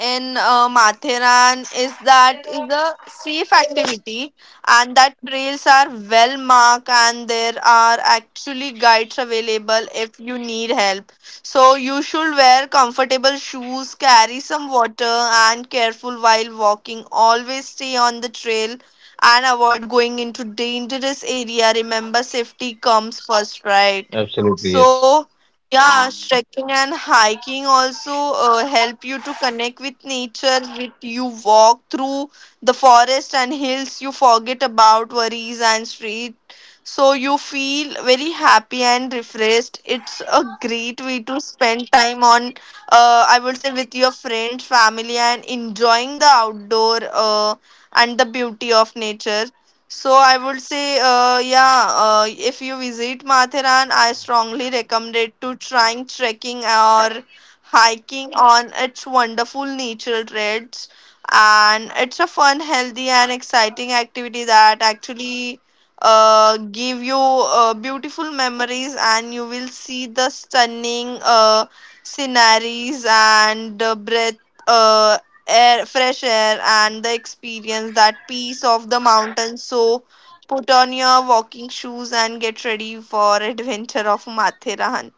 Speaker 3: in uh, Matheran is that is a safe activity, and that trails are well marked, and there are actually guides available if you need help. So you should wear comfortable shoes, carry some water, and careful while walking. Always stay on the trail and avoid going into dangerous area. Remember safety comes first, right?
Speaker 2: Absolutely. Yes.
Speaker 3: So yeah, trekking and hiking also uh, help you to connect with nature. With you walk through the forest and hills, you forget about worries and street. So you feel very happy and refreshed. It's a great way to spend time on, uh, I would say, with your friends, family, and enjoying the outdoor uh, and the beauty of nature. So I would say, uh, yeah, uh, if you visit Matharan, I strongly recommend to trying trekking or hiking on its wonderful natural trails. And it's a fun, healthy, and exciting activity that actually uh, give you uh, beautiful memories, and you will see the stunning uh, sceneries and the breath. Uh, Air, fresh air, and the experience, that peace of the mountains. So, put on your walking shoes and get ready for adventure of Matherahan.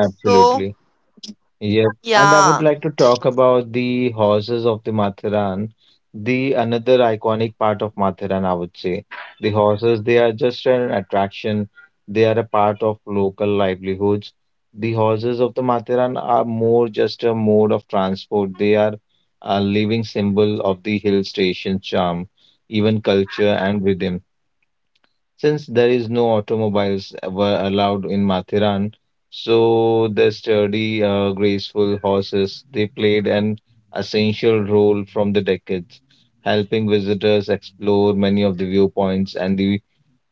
Speaker 3: So,
Speaker 2: Yep, and I would
Speaker 3: yeah.
Speaker 2: like to talk about the horses of the Mathiran, the another iconic part of Mathiran, I would say. The horses, they are just an attraction. They are a part of local livelihoods. The horses of the Mathiran are more just a mode of transport. They are a living symbol of the hill station charm, even culture and rhythm. Since there is no automobiles were allowed in Mathiran, so the sturdy, uh, graceful horses they played an essential role from the decades, helping visitors explore many of the viewpoints and the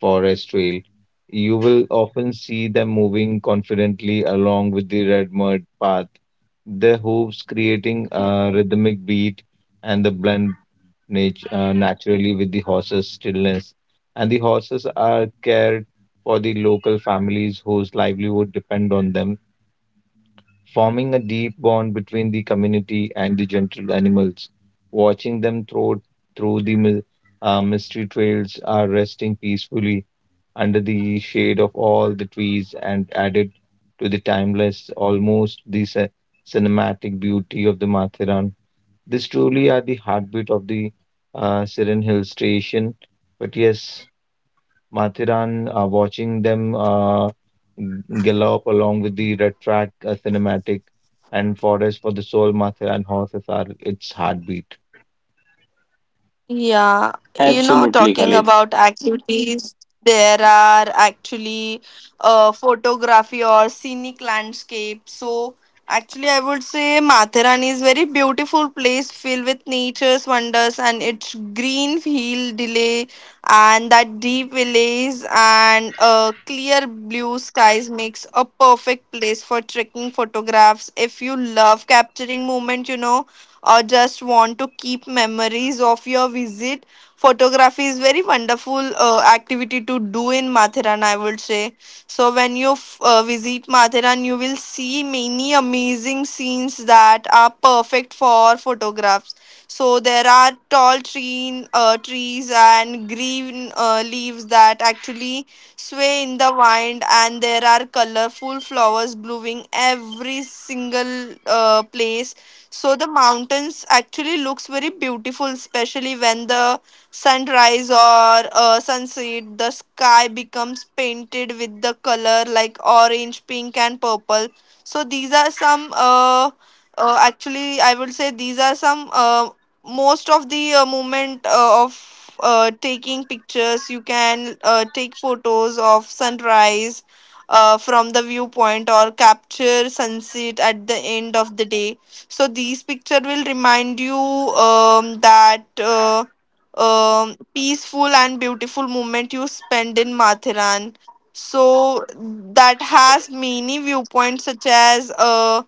Speaker 2: forest trail. You will often see them moving confidently along with the red mud path, their hooves creating a rhythmic beat and the blend nat- uh, naturally with the horses' stillness. And the horses are cared for the local families whose livelihood depend on them, forming a deep bond between the community and the gentle animals. Watching them through through the mi- uh, mystery trails are resting peacefully under the shade of all the trees and added to the timeless, almost the cin- cinematic beauty of the Mathiran, these truly are the heartbeat of the uh, Siren Hill Station. But yes, Mathiran, uh, watching them uh, g- gallop along with the red track, uh, cinematic and forest for the soul, Mathiran horses are its heartbeat.
Speaker 3: Yeah, you know,
Speaker 1: Absolutely,
Speaker 3: talking
Speaker 1: Khalid.
Speaker 3: about activities, there are actually uh, photography or scenic landscape. So, actually, I would say Mathurani is very beautiful place filled with nature's wonders, and its green hill delay and that deep valleys and uh, clear blue skies makes a perfect place for trekking photographs. If you love capturing moment, you know, or just want to keep memories of your visit, photography is very wonderful uh, activity to do in Matheran, I would say. So when you f- uh, visit Matheran, you will see many amazing scenes that are perfect for photographs. So there are tall tree, uh, trees and green uh, leaves that actually sway in the wind, and there are colorful flowers blooming every single uh, place. So the mountains actually looks very beautiful, especially when the sunrise or uh, sunset the sky becomes painted with the color like orange, pink, and purple. So these are some uh, uh, actually I would say these are some uh, most of the uh, moment uh, of uh, taking pictures. You can uh, take photos of sunrise uh, from the viewpoint or capture sunset at the end of the day. So these picture will remind you um, that uh, um, peaceful and beautiful moment you spend in Mathiran. So that has many viewpoints, such as uh,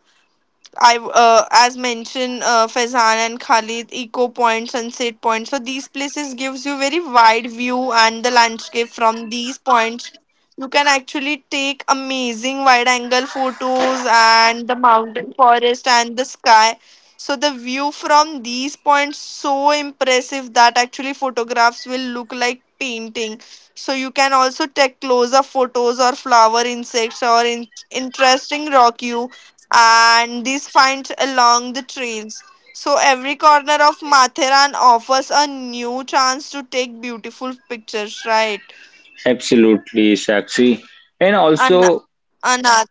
Speaker 3: I uh, as mentioned uh, Faizan and Khalid Eco Point, Sunset Point. So these places gives you very wide view and the landscape from these points. You can actually take amazing wide angle photos and the mountain forest and the sky. So the view from these points so impressive that actually photographs will look like painting. So you can also take close up photos or flower insects or in- interesting rock and these finds along the trails. So every corner of Mathiran offers a new chance to take beautiful pictures, right?
Speaker 1: Absolutely, Sakshi. And
Speaker 3: An-
Speaker 1: also,
Speaker 3: another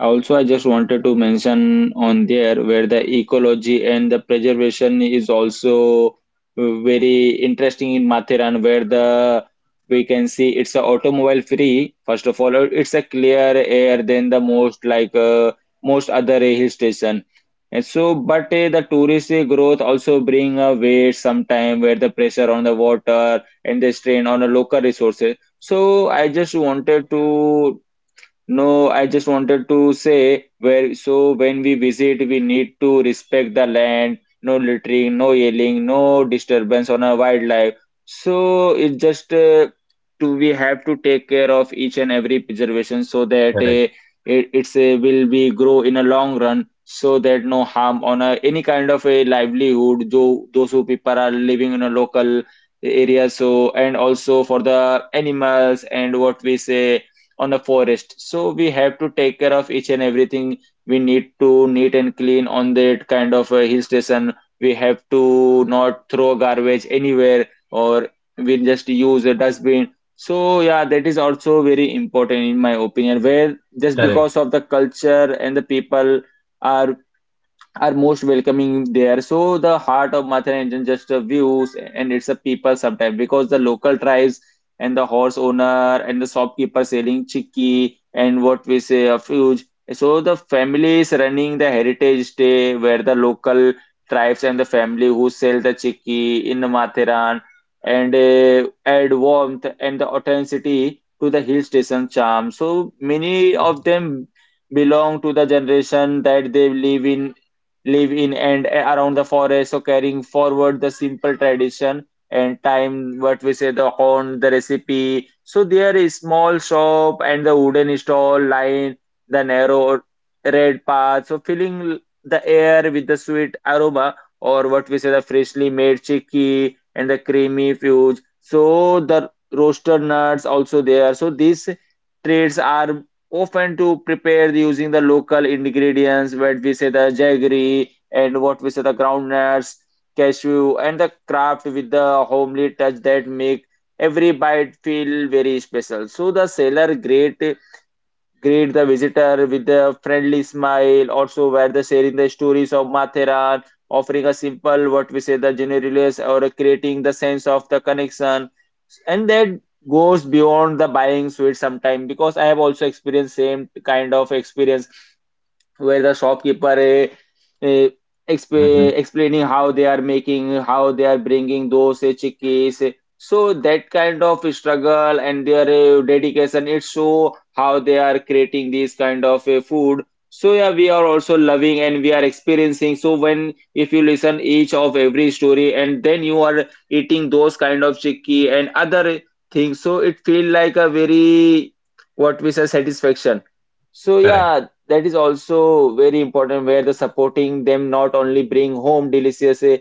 Speaker 1: Also, I just wanted to mention on there where the ecology and the preservation is also uh, very interesting in Mathiran, where the we can see it's a automobile free. First of all, it's a clear air than the most, like uh, most other hill station. And so, but uh, the tourist uh, growth also bring a weight sometime where the pressure on the water and the strain on the local resources. So I just wanted to no, I just wanted to say where so when we visit, we need to respect the land, no littering, no yelling, no disturbance on our wildlife. So it just uh, to we have to take care of each and every preservation so that uh, it it's a will be grow in a long run so that no harm on a, any kind of a livelihood though those who people are living in a local area. So and also for the animals and what we say on a forest. So we have to take care of each and everything. We need to neat and clean on that kind of a hill station. We have to not throw garbage anywhere or we just use a dustbin. So yeah, that is also very important in my opinion. Where just
Speaker 2: Correct.
Speaker 1: because of the culture and the people are are most welcoming there. So the heart of Matharanjan just the views and it's a people sometimes because the local tribes and the horse owner and the shopkeeper selling chicky and what we say a fuge. So the families running the heritage day where the local tribes and the family who sell the chicky in the Matharan and uh, add warmth and the authenticity to the hill station charm. So many of them belong to the generation that they live in live in and around the forest, so carrying forward the simple tradition and time what we say the corn, the recipe. So there is small shop and the wooden stall line the narrow red path. So filling the air with the sweet aroma or what we say the freshly made chicky and the creamy fudge. So the roasted nuts also there. So these treats are often to prepare the- using the local ingredients what we say the jaggery and what we say the groundnuts cashew and the craft with the homely touch that make every bite feel very special. So the seller great greet the visitor with a friendly smile. Also, where the sharing the stories of Matheran, offering a simple what we say the generalities or creating the sense of the connection, and that goes beyond the buying sweets sometime because I have also experienced same kind of experience where the shopkeeper eh, eh,
Speaker 2: Hmm.
Speaker 1: exp- explaining how they are making, how they are bringing those eh, chickies. So that kind of struggle and their eh, dedication, it show how they are creating these kind of eh, food. So yeah, we are also loving and we are experiencing. So when if you listen each of every story and then you are eating those kind of chicky and other eh, things, so it feel like a very what we say satisfaction. So
Speaker 2: Correct.
Speaker 1: yeah, that is also very important where the supporting them not only bring home delicious eh,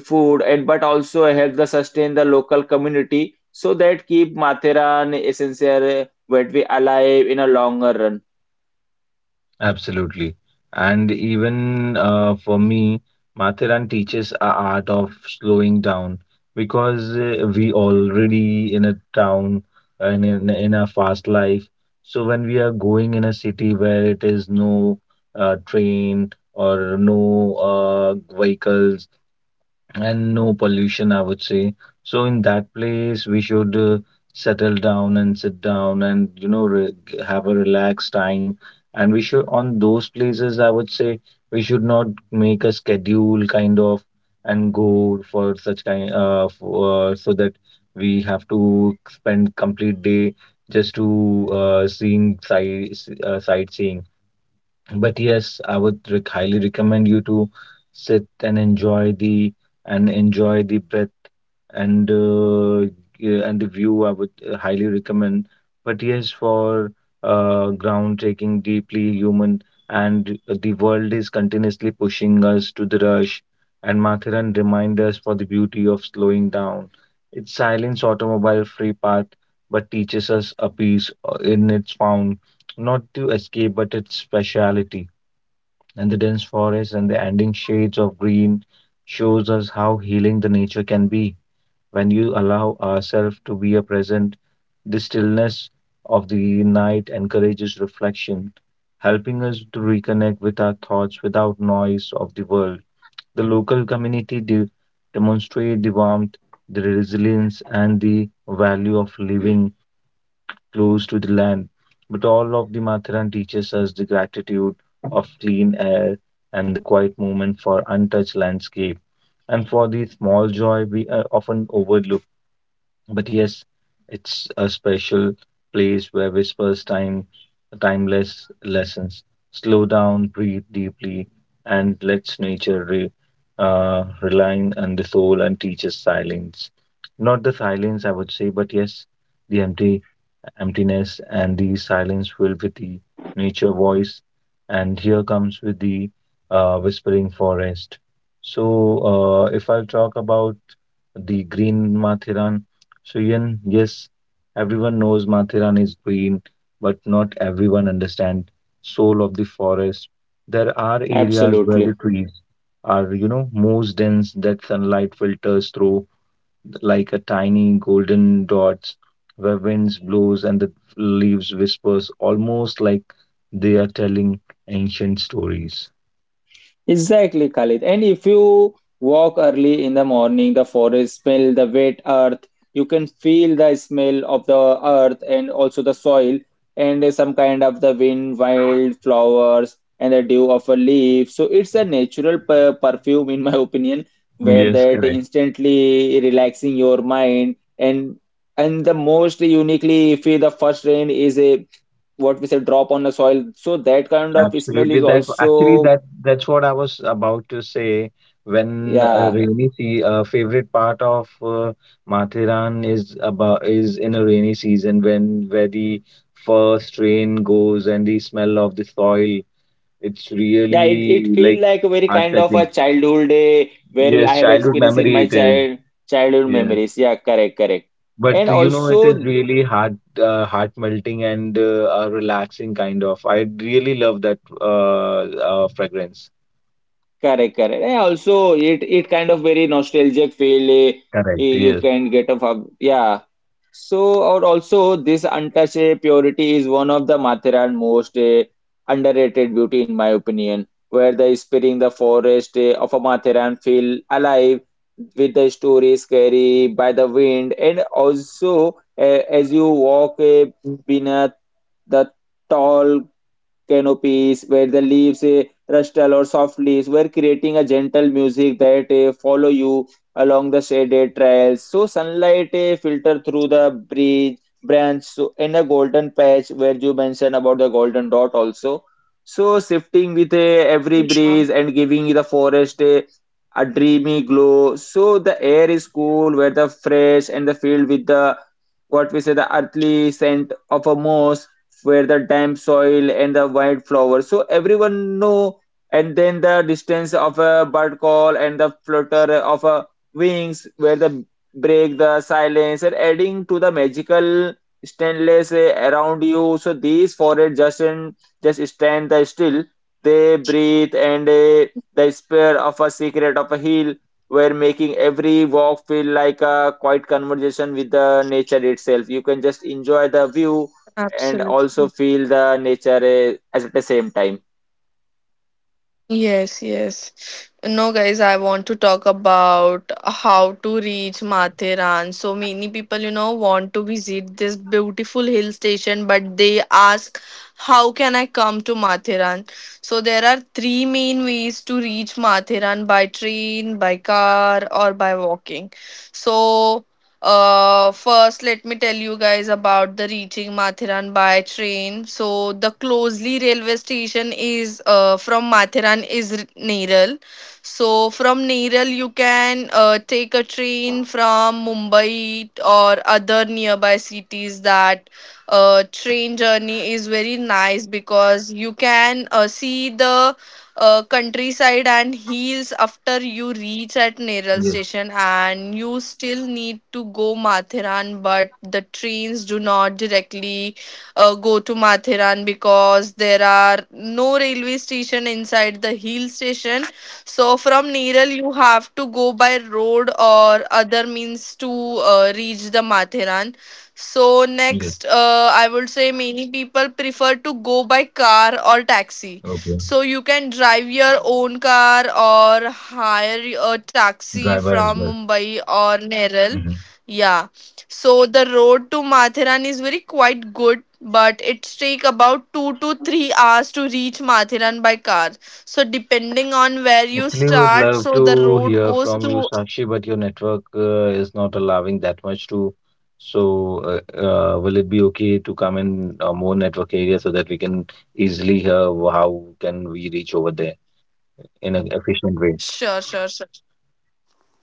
Speaker 1: food and but also help the sustain the local community so that keep Matheran Essential Wetwe alive in a longer run.
Speaker 2: Absolutely. And even uh, for me, Mathiran teaches a art of slowing down because uh, we already in a town and in, in a fast life. So when we are going in a city where it is no uh, train or no uh, vehicles and no pollution, I would say. So in that place, we should uh, settle down and sit down and you know re g- have a relaxed time. And we should on those places, I would say we should not make a schedule kind of and go for such kind uh, for, uh so that we have to spend complete day just to uh, seeing sight uh, sightseeing. But yes, I would rec- highly recommend you to sit and enjoy the and enjoy the breath and uh, yeah, and the view. I would uh, highly recommend. But yes, for uh, groundbreaking, deeply human, and the world is continuously pushing us to the rush. And Mathiran remind us for the beauty of slowing down. Its silence automobile free path, but teaches us a peace uh, in its found not to escape, but its speciality. And the dense forest and the ending shades of green shows us how healing the nature can be when you allow ourselves to be a present. The stillness of the night encourages reflection, helping us to reconnect with our thoughts without noise of the world. The local community de- demonstrate the warmth, the resilience, and the value of living close to the land. But all of the Matharan teaches us the gratitude of clean air and the quiet moment for untouched landscape. And for the small joy we uh, often overlook. But yes, it's a special place where whispers time timeless lessons. Slow down, breathe deeply, and let us nature re, uh, relying on the soul and teaches silence. Not the silence, I would say, but yes, the empty emptiness and the silence filled with the nature voice and here comes with the uh, whispering forest. So uh, if I'll talk about the green Mathiran, so yen yes, everyone knows Mathiran is green but not everyone understand soul of the forest. There are areas where
Speaker 1: Absolutely.
Speaker 2: the trees are, you know, most dense that sunlight filters through like a tiny golden dots where winds blows and the leaves whispers almost like they are telling ancient stories.
Speaker 1: Exactly, Khalid. And if you walk early in the morning, the forest smell the wet earth. You can feel the smell of the earth and also the soil and some kind of the wind, wild flowers and the dew of a leaf. So it's a natural per perfume, in my opinion, where
Speaker 2: Yes,
Speaker 1: that
Speaker 2: correct.
Speaker 1: instantly relaxing your mind. And and the most uniquely if the first rain is a what we say drop on the soil. So that kind of smell
Speaker 2: Absolutely.
Speaker 1: is
Speaker 2: That actually
Speaker 1: also
Speaker 2: that that's what I was about to say. When a
Speaker 1: yeah.
Speaker 2: rainy sea, a favorite part of uh, Mathiran is about is in a rainy season when where the first rain goes and the smell of the soil. It's
Speaker 1: Yeah, it,
Speaker 2: really
Speaker 1: it feel
Speaker 2: like
Speaker 1: like a very
Speaker 2: heart
Speaker 1: kind of a
Speaker 2: touching.
Speaker 1: childhood day where I
Speaker 2: Yes,
Speaker 1: have
Speaker 2: childhood
Speaker 1: experience in
Speaker 2: memory
Speaker 1: my
Speaker 2: it is.
Speaker 1: child childhood
Speaker 2: Yes.
Speaker 1: memories. Yeah, correct, correct.
Speaker 2: But
Speaker 1: And
Speaker 2: you know, it is
Speaker 1: also
Speaker 2: really heart uh, heart melting and uh, a relaxing kind of. I really love that uh, uh fragrance.
Speaker 1: correct, correct. And also it it kind of very nostalgic feel, eh,
Speaker 2: Correct.
Speaker 1: you
Speaker 2: Yes.
Speaker 1: can get of a yeah. So, or also this untouched uh, purity is one of the Mathera's most uh, underrated beauty, in my opinion, where the spirit in the forest uh, of a Matheran feel alive with the stories carried by the wind, and also uh, as you walk uh, beneath the tall canopies where the leaves eh, rustle or soft leaves were creating a gentle music that eh, follow you along the shaded trails. So sunlight eh, filter through the bridge branch so in a golden patch where you mentioned about the golden dot also. So shifting with eh, every breeze and giving the forest eh, a dreamy glow. So the air is cool, where the fresh and the filled with the what we say the earthly scent of a moss where the damp soil and the white flowers. So everyone know, and then the distance of a bird call and the flutter of a wings, where the break the silence and adding to the magical stainless eh, around you. So these forests just and just stand the still. They breathe and eh, the spirit of a secret of a hill were making every walk feel like a quiet conversation with the nature itself. You can just enjoy the view and also feel the nature eh, as at the same time.
Speaker 3: Yes, yes. No, guys, I want to talk about how to reach Matheran. So many people, you know, want to visit this beautiful hill station, but they ask, how can I come to Matheran? So there are three main ways to reach Matheran: by train, by car, or by walking. So uh, first, let me tell you guys about the reaching Mathiran by train. So, the closely railway station is uh, from Mathiran is R- Neral. So, from Neral, you can uh, take a train from Mumbai or other nearby cities. That uh, train journey is very nice because you can uh, see the uh, countryside and hills. After you reach at Neral
Speaker 2: Yes.
Speaker 3: station, and you still need to go Mathiran, but the trains do not directly uh, go to Mathiran because there are no railway station inside the hill station. So from Neral you have to go by road or other means to uh, reach the Mathiran. So
Speaker 2: Yes.
Speaker 3: next, uh, I would say many people prefer to go by car or taxi.
Speaker 2: Okay.
Speaker 3: So you can drive your own car or hire a taxi
Speaker 2: Driver as
Speaker 3: from
Speaker 2: well.
Speaker 3: Mumbai or Neral.
Speaker 2: Hmm.
Speaker 3: Yeah. So the road to Mathiran is very quite good, but it take about two to three hours to reach Mathiran by car. So depending on where you
Speaker 2: Actually, would
Speaker 3: start,
Speaker 2: love
Speaker 3: so the
Speaker 2: to
Speaker 3: road
Speaker 2: hear
Speaker 3: goes
Speaker 2: from you,
Speaker 3: to
Speaker 2: Sakshi, but your network uh, is not allowing that much to. So, uh, uh, will it be okay to come in uh, more network area so that we can easily hear how can we reach over there in an efficient way?
Speaker 3: sure, sure, sure.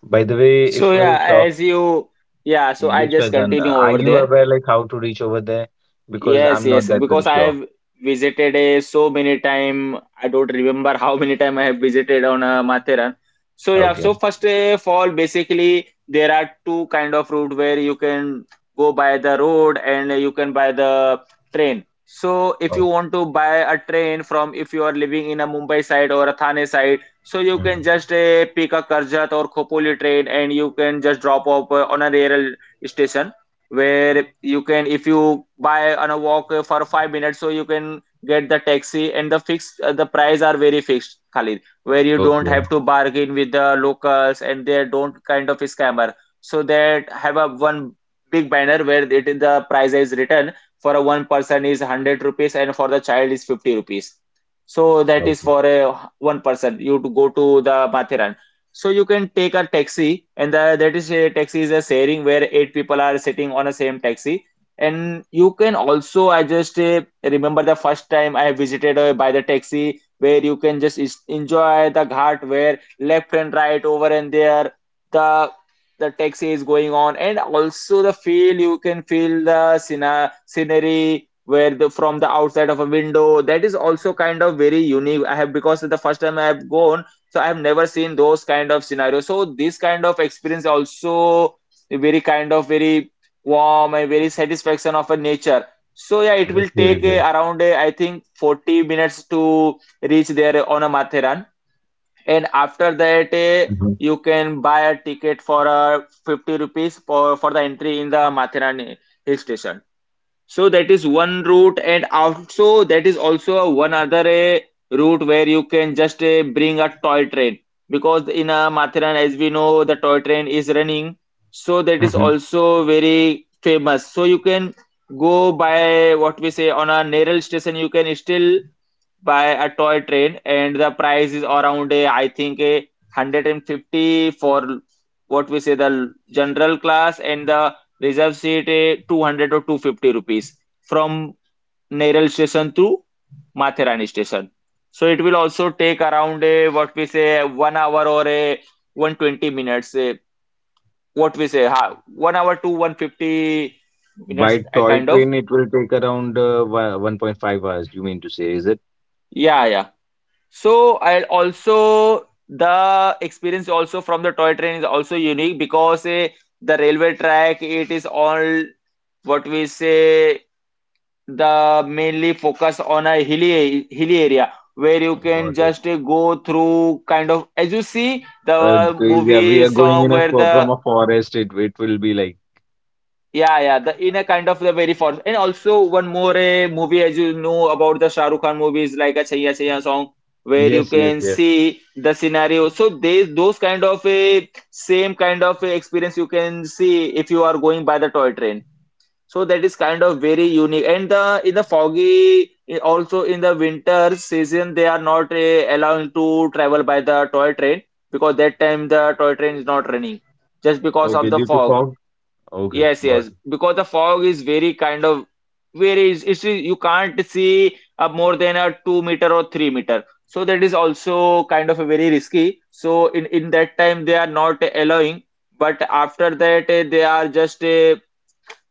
Speaker 2: By the way,
Speaker 1: So
Speaker 2: if we'll
Speaker 1: yeah,
Speaker 2: shop,
Speaker 1: as you yeah, so I
Speaker 2: this
Speaker 1: just
Speaker 2: Faizan, uh,
Speaker 1: continue
Speaker 2: are
Speaker 1: over
Speaker 2: you
Speaker 1: there.
Speaker 2: aware like how to reach over there? Because
Speaker 1: Yes,
Speaker 2: I'm not
Speaker 1: yes,
Speaker 2: that pretty
Speaker 1: because I
Speaker 2: sure.
Speaker 1: have visited a so many time. I don't remember how many time I have visited on uh, Matheran. So yeah,
Speaker 2: Okay.
Speaker 1: so first uh, fall basically there are two kind of route where you can go by the road and you can buy the train. So if you
Speaker 2: Oh.
Speaker 1: want to buy a train from if you are living in a Mumbai side or a Thane side, so you
Speaker 2: Mhm.
Speaker 1: can just uh, pick a Karjat or Khopoli train and you can just drop off uh, on a rural station where you can if you buy on a walk uh, for five minutes, so you can get the taxi and the fixed uh, the price are very fixed, Khalid, where you don't
Speaker 2: Okay.
Speaker 1: have to bargain with the locals and they don't kind of scammer. So they have a one big banner where it is the price is written for a one person is one hundred rupees and for the child is fifty rupees. So that is
Speaker 2: Okay.
Speaker 1: for a one person you to go to the Mathiran. So you can take a taxi, and the, that is a taxi is a sharing where eight people are sitting on the same taxi. And you can also, I just uh, remember the first time I visited uh, by the taxi where you can just is- enjoy the ghat where left and right over and there the the taxi is going on, and also the feel you can feel the scena scenery where the from the outside of a window that is also kind of very unique. I have because the first time I have gone, so I have never seen those kind of scenarios. So this kind of experience also very kind of very warm and very satisfaction of a nature. So yeah, it
Speaker 2: That's
Speaker 1: will
Speaker 2: very
Speaker 1: take uh,
Speaker 2: good.
Speaker 1: around uh, I think forty minutes to reach there on a matheran. And after that
Speaker 2: Hmm.
Speaker 1: uh, you can buy a ticket for uh, fifty rupees for for the entry in the matheran uh, hill station. So that is one route, and also that is also a one other a route where you can just uh, bring a toy train because in uh, Mathura, as we know, the toy train is running. So that is
Speaker 2: Hmm.
Speaker 1: also very famous. So you can go by what we say on a Neral station. You can still by a toy train, and the price is around a, I think a one hundred fifty for what we say the general class, and the reserve seat a two hundred or two hundred fifty rupees from Neral station to Mathurani station. So it will also take around a what we say one hour or a one twenty minutes a, what we say ha, one hour to one fifty
Speaker 2: By
Speaker 1: minutes a
Speaker 2: toy
Speaker 1: kind
Speaker 2: train,
Speaker 1: of.
Speaker 2: it will take around uh, wa- one point five hours, you mean to say, is it?
Speaker 1: Yeah, yeah. So I also the experience also from the toy train is also unique because eh, the railway track, it is all what we say, the mainly focus on a hilly hilly area where you
Speaker 2: Got
Speaker 1: can
Speaker 2: it.
Speaker 1: just eh, go through kind of as you see
Speaker 2: Uh,
Speaker 1: the
Speaker 2: g- yeah, we
Speaker 1: movie
Speaker 2: are going
Speaker 1: song
Speaker 2: in a
Speaker 1: where
Speaker 2: fo- from
Speaker 1: the.
Speaker 2: a forest. It it will be like
Speaker 1: Yeah, yeah, the in a kind of the very form. And also one more a movie, as you know about the Shah Rukh Khan movies, like a Chaiya Chaiya song where you
Speaker 2: yes, yes,
Speaker 1: can
Speaker 2: yes.
Speaker 1: see the scenario. So they those kind of a same kind of a experience you can see if you are going by the toy train. So that is kind of very unique. And the in the foggy i- also in the winter season, they are not uh, allowing to travel by the toy train because that time the toy train is not running just because
Speaker 2: Okay,
Speaker 1: of the
Speaker 2: due to
Speaker 1: fog.
Speaker 2: fog. Okay,
Speaker 1: Yes,
Speaker 2: got it.
Speaker 1: yes, because the fog is very kind of very it's, it's you can't see uh, more than a two meter or three meter. So that is also kind of a very risky. So in in that time they are not allowing, but after that eh, they are just uh,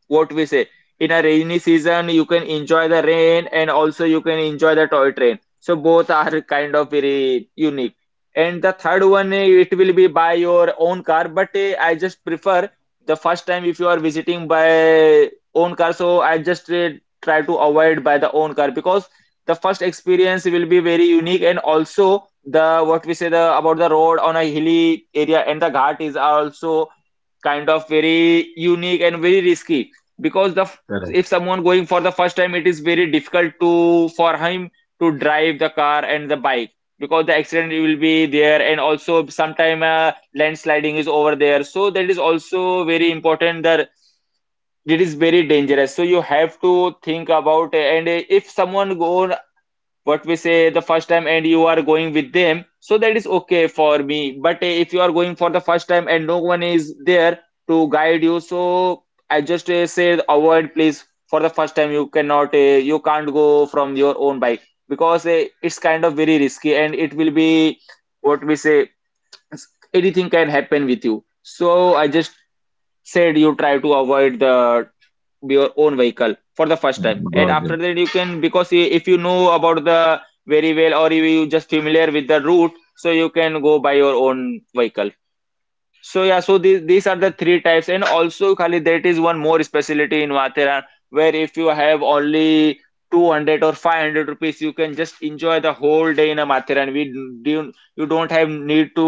Speaker 1: what we say, in a rainy season you can enjoy the rain, and also you can enjoy the toy train, so both are kind of very unique. And the third one, eh, it will be by your own car, but eh, I just prefer the first time if you are visiting by own car. So I just eh, try to avoid by the own car because the first experience will be very unique. And also the what we say, the about the road on a hilly area and the ghat is also kind of very unique and very risky. Because the f- if
Speaker 2: Correct.
Speaker 1: someone going for the first time, it is very difficult to for him to drive the car and the bike, because the accident will be there. And also sometime uh, landsliding is over there, so that is also very important, that it is very dangerous. So you have to think about. And if someone go what we say the first time and you are going with them, so that is okay for me. But eh, if you are going for the first time and no one is there to guide you, so I just uh, say avoid please, for the first time you cannot uh, you can't go from your own bike, because uh, it's kind of very risky. And it will be what we say, anything can happen with you. So I just said you try to avoid the your own vehicle for the first time.
Speaker 2: Mm,
Speaker 1: And
Speaker 2: got it.
Speaker 1: after that you can, because i- if you know about the very well, or you you just familiar with the route, so you can go by your own vehicle. So yeah, so these these are the three types. And also Khalid, that is one more specialty in Mathera, where if you have only two hundred or five hundred rupees, you can just enjoy the whole day in a Mathiran. We do you don't have need to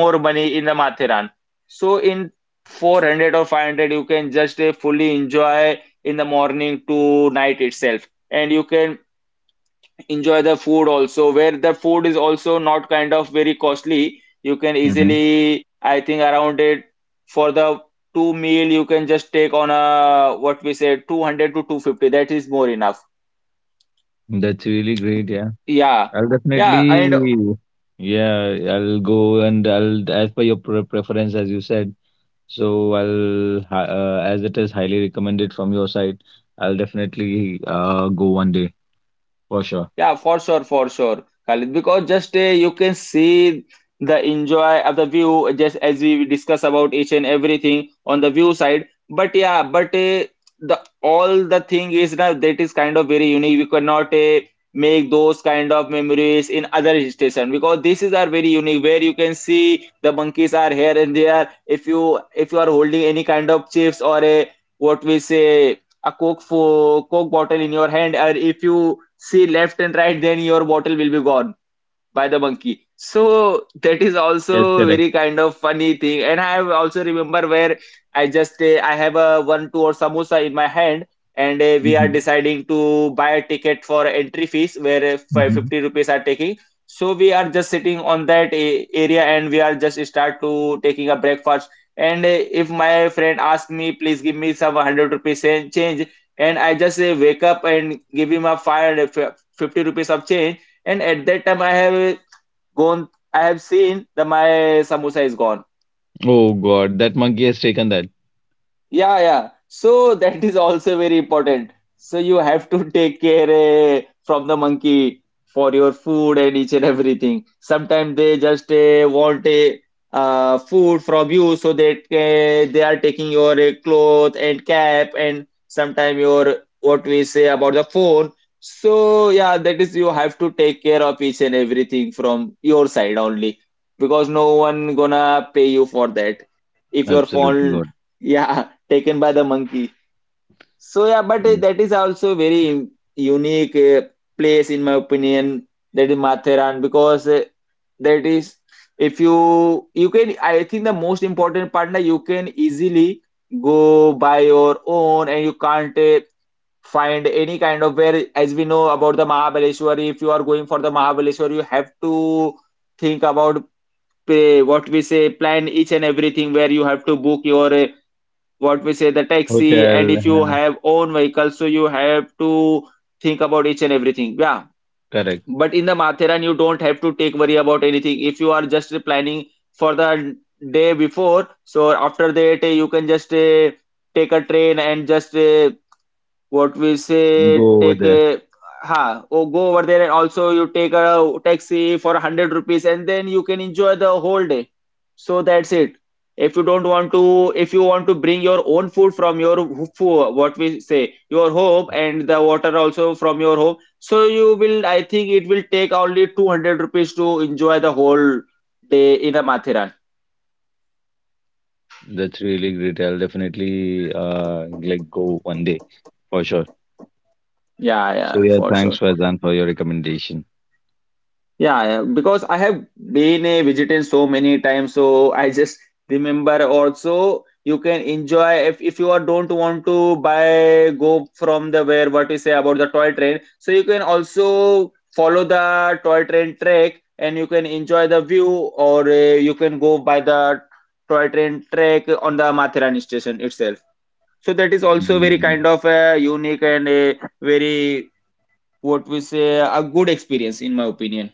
Speaker 1: more money in the Mathiran. So in four hundred or five hundred, you can just uh, fully enjoy in the morning to night itself. And you can enjoy the food also, where the food is also not kind of very costly. You can
Speaker 2: Hmm.
Speaker 1: easily I think around it for the two meal you can just take on a what we said two hundred to two hundred fifty, that is more enough.
Speaker 2: That's really great. Yeah.
Speaker 1: Yeah,
Speaker 2: I'll
Speaker 1: yeah,
Speaker 2: definitely,
Speaker 1: and
Speaker 2: yeah, I'll go and I'll, as per your pre preference, as you said. So I'll, hi- uh, as it is highly recommended from your side, I'll definitely uh, go one day for sure.
Speaker 1: yeah, for sure, for sure, Khalid. Because just uh, you can see the enjoy of the view, just as we discuss about each and everything on the view side. But yeah, but uh, the all the thing is now, that is kind of very unique. We cannot uh, make those kind of memories in other hill station, because this is are very unique, where you can see the monkeys are here and there. If you if you are holding any kind of chips, or a what we say a coke for coke bottle in your hand, or if you see left and right, then your bottle will be gone by the monkey. So that is
Speaker 2: Yes,
Speaker 1: also
Speaker 2: correct.
Speaker 1: very kind of funny thing. And I have also remember where I just uh, I have a one two or samosa in my hand. And uh, we are
Speaker 2: Mhm,
Speaker 1: deciding to buy a ticket for entry fees, where uh, fi-
Speaker 2: mhm.
Speaker 1: fifty rupees are taking. So we are just sitting on that a- area, and we are just start to taking a breakfast. And uh, if my friend asks me, please give me some one hundred rupees change. And I just uh, wake up and give him a five fifty rupees of change. And at that time I have gone I have seen the my samosa is gone.
Speaker 2: Oh God, that monkey has taken that.
Speaker 1: Yeah, yeah. So that is also very important. So you have to take care eh, from the monkey for your food and each and everything. Sometimes they just eh, want a uh, food from you, so that eh, they are taking your eh, cloth and cap, and sometimes your what we say about the phone. So yeah, that is you have to take care of each and everything from your side only, because no one gonna pay you for that if your
Speaker 2: Absolutely
Speaker 1: phone.
Speaker 2: God.
Speaker 1: Yeah, taken by the monkey. So yeah, but uh,
Speaker 2: Mm.
Speaker 1: that is also very im- unique uh, place in my opinion. That is Matheran because uh, that is if you you can I think the most important part that you can easily go by your own. And you can't uh, find any kind of, where as we know about the Mahabaleshwar, if you are going for the Mahabaleshwar you have to think about uh, what we say, plan each and everything, where you have to book your uh, what we say the taxi. And
Speaker 2: Hotel,
Speaker 1: if you
Speaker 2: uh,
Speaker 1: have own vehicle so you have to think about each and everything, yeah.
Speaker 2: correct.
Speaker 1: But in the Matheran you don't have to take worry about anything if you are just planning for the day before. So after that uh, you can just uh, take a train, and just uh, what we say
Speaker 2: Go over
Speaker 1: take
Speaker 2: there.
Speaker 1: a ha or go over there. And also you take a taxi for one hundred rupees, and then you can enjoy the whole day. So that's it. if you don't want to if you want to bring your own food from your food, what we say, your home, and the water also from your home, so you will I think it will take only two hundred rupees to enjoy the whole day in a mathiran.
Speaker 2: That's really great. I'll definitely uh, like go one day for sure.
Speaker 1: Yeah, yeah,
Speaker 2: So yeah,
Speaker 1: for
Speaker 2: thanks
Speaker 1: sure.
Speaker 2: Faizan for your recommendation.
Speaker 1: Yeah, yeah, because I have been a vegetarian so many times. So I just remember, also you can enjoy if, if you are don't want to buy go from the, where what you say about the toy train. So you can also follow the toy train track and you can enjoy the view. Or uh, you can go by the toy train track on the Mathurani station itself. So that is also very
Speaker 2: Mm.
Speaker 1: kind of uh, unique and a very what we say a good experience in my opinion.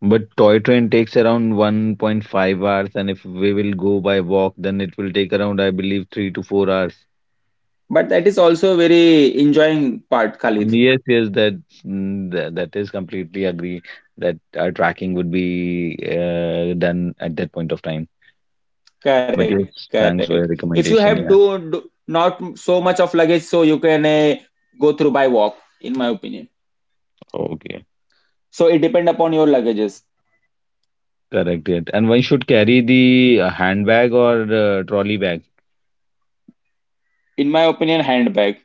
Speaker 2: But toy train takes around one point five hours, and if we will go by walk, then it will take around, I believe, three to four hours.
Speaker 1: But that is also a very enjoying part,
Speaker 2: Mm,
Speaker 1: Khalid.
Speaker 2: yes, yes, that that, that is completely agree that our tracking would be uh, done at that point of time. But
Speaker 1: Correct, correct.
Speaker 2: yes, thanks
Speaker 1: If you
Speaker 2: for your
Speaker 1: have do,
Speaker 2: recommendation.
Speaker 1: do
Speaker 2: Yeah,
Speaker 1: not so much of luggage, so you can uh, go through by walk, in my opinion.
Speaker 2: okay,
Speaker 1: So it depend upon your luggages.
Speaker 2: correct it. And one should carry the uh, handbag or uh, trolley bag.
Speaker 1: In my opinion, handbag,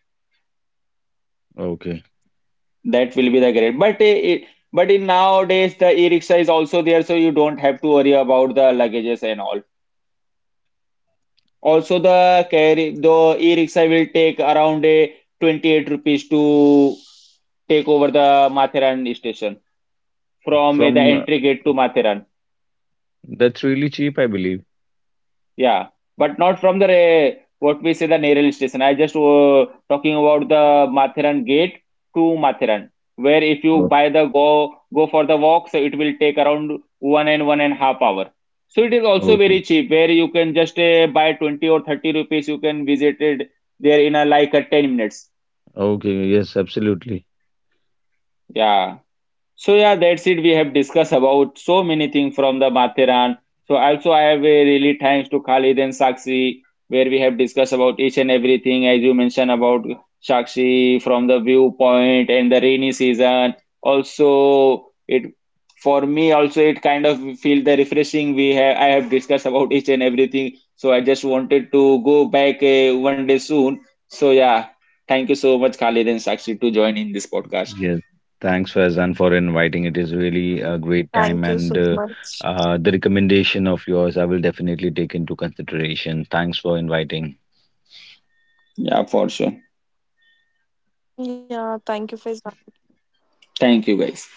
Speaker 2: Okay.
Speaker 1: that will be the great. But uh, it, but in nowadays the e-rickshaw is also there, so you don't have to worry about the luggages and all. Also the carry the e-rickshaw will take around a twenty-eight rupees to take over the Matheran station, from uh, the
Speaker 2: From uh,
Speaker 1: entry gate to Matheran.
Speaker 2: that's really cheap, I believe.
Speaker 1: Yeah, but not from the uh, what we say the Nerel station. I just uh, talking about the Matheran gate to Matheran, where if you
Speaker 2: Oh,
Speaker 1: buy the go go for the walk, so it will take around one and one and half hour. So it is also
Speaker 2: okay.
Speaker 1: very cheap, where you can just uh, buy twenty or thirty rupees. You can visit it there in a like a ten minutes.
Speaker 2: Okay, yes, absolutely.
Speaker 1: Yeah. So yeah, that's it. We have discussed about so many things from the Mathiran. So also I have a really thanks to Khalid and Sakshi, where we have discussed about each and everything as you mentioned about Sakshi from the viewpoint and the rainy season. Also it for me also it kind of feel the refreshing, we have I have discussed about each and everything. So I just wanted to go back uh, one day soon. So yeah, thank you so much Khalid and Sakshi, to join in this podcast.
Speaker 2: Yes, thanks Faizan for
Speaker 3: Thank
Speaker 2: inviting.
Speaker 3: you
Speaker 2: It is
Speaker 3: so
Speaker 2: really a
Speaker 3: much.
Speaker 2: great time, and uh, uh, the recommendation of yours I will definitely take into consideration. Thanks for inviting.
Speaker 1: Yeah, for sure.
Speaker 3: Yeah, thank you, Faizan.
Speaker 1: Thank you, guys.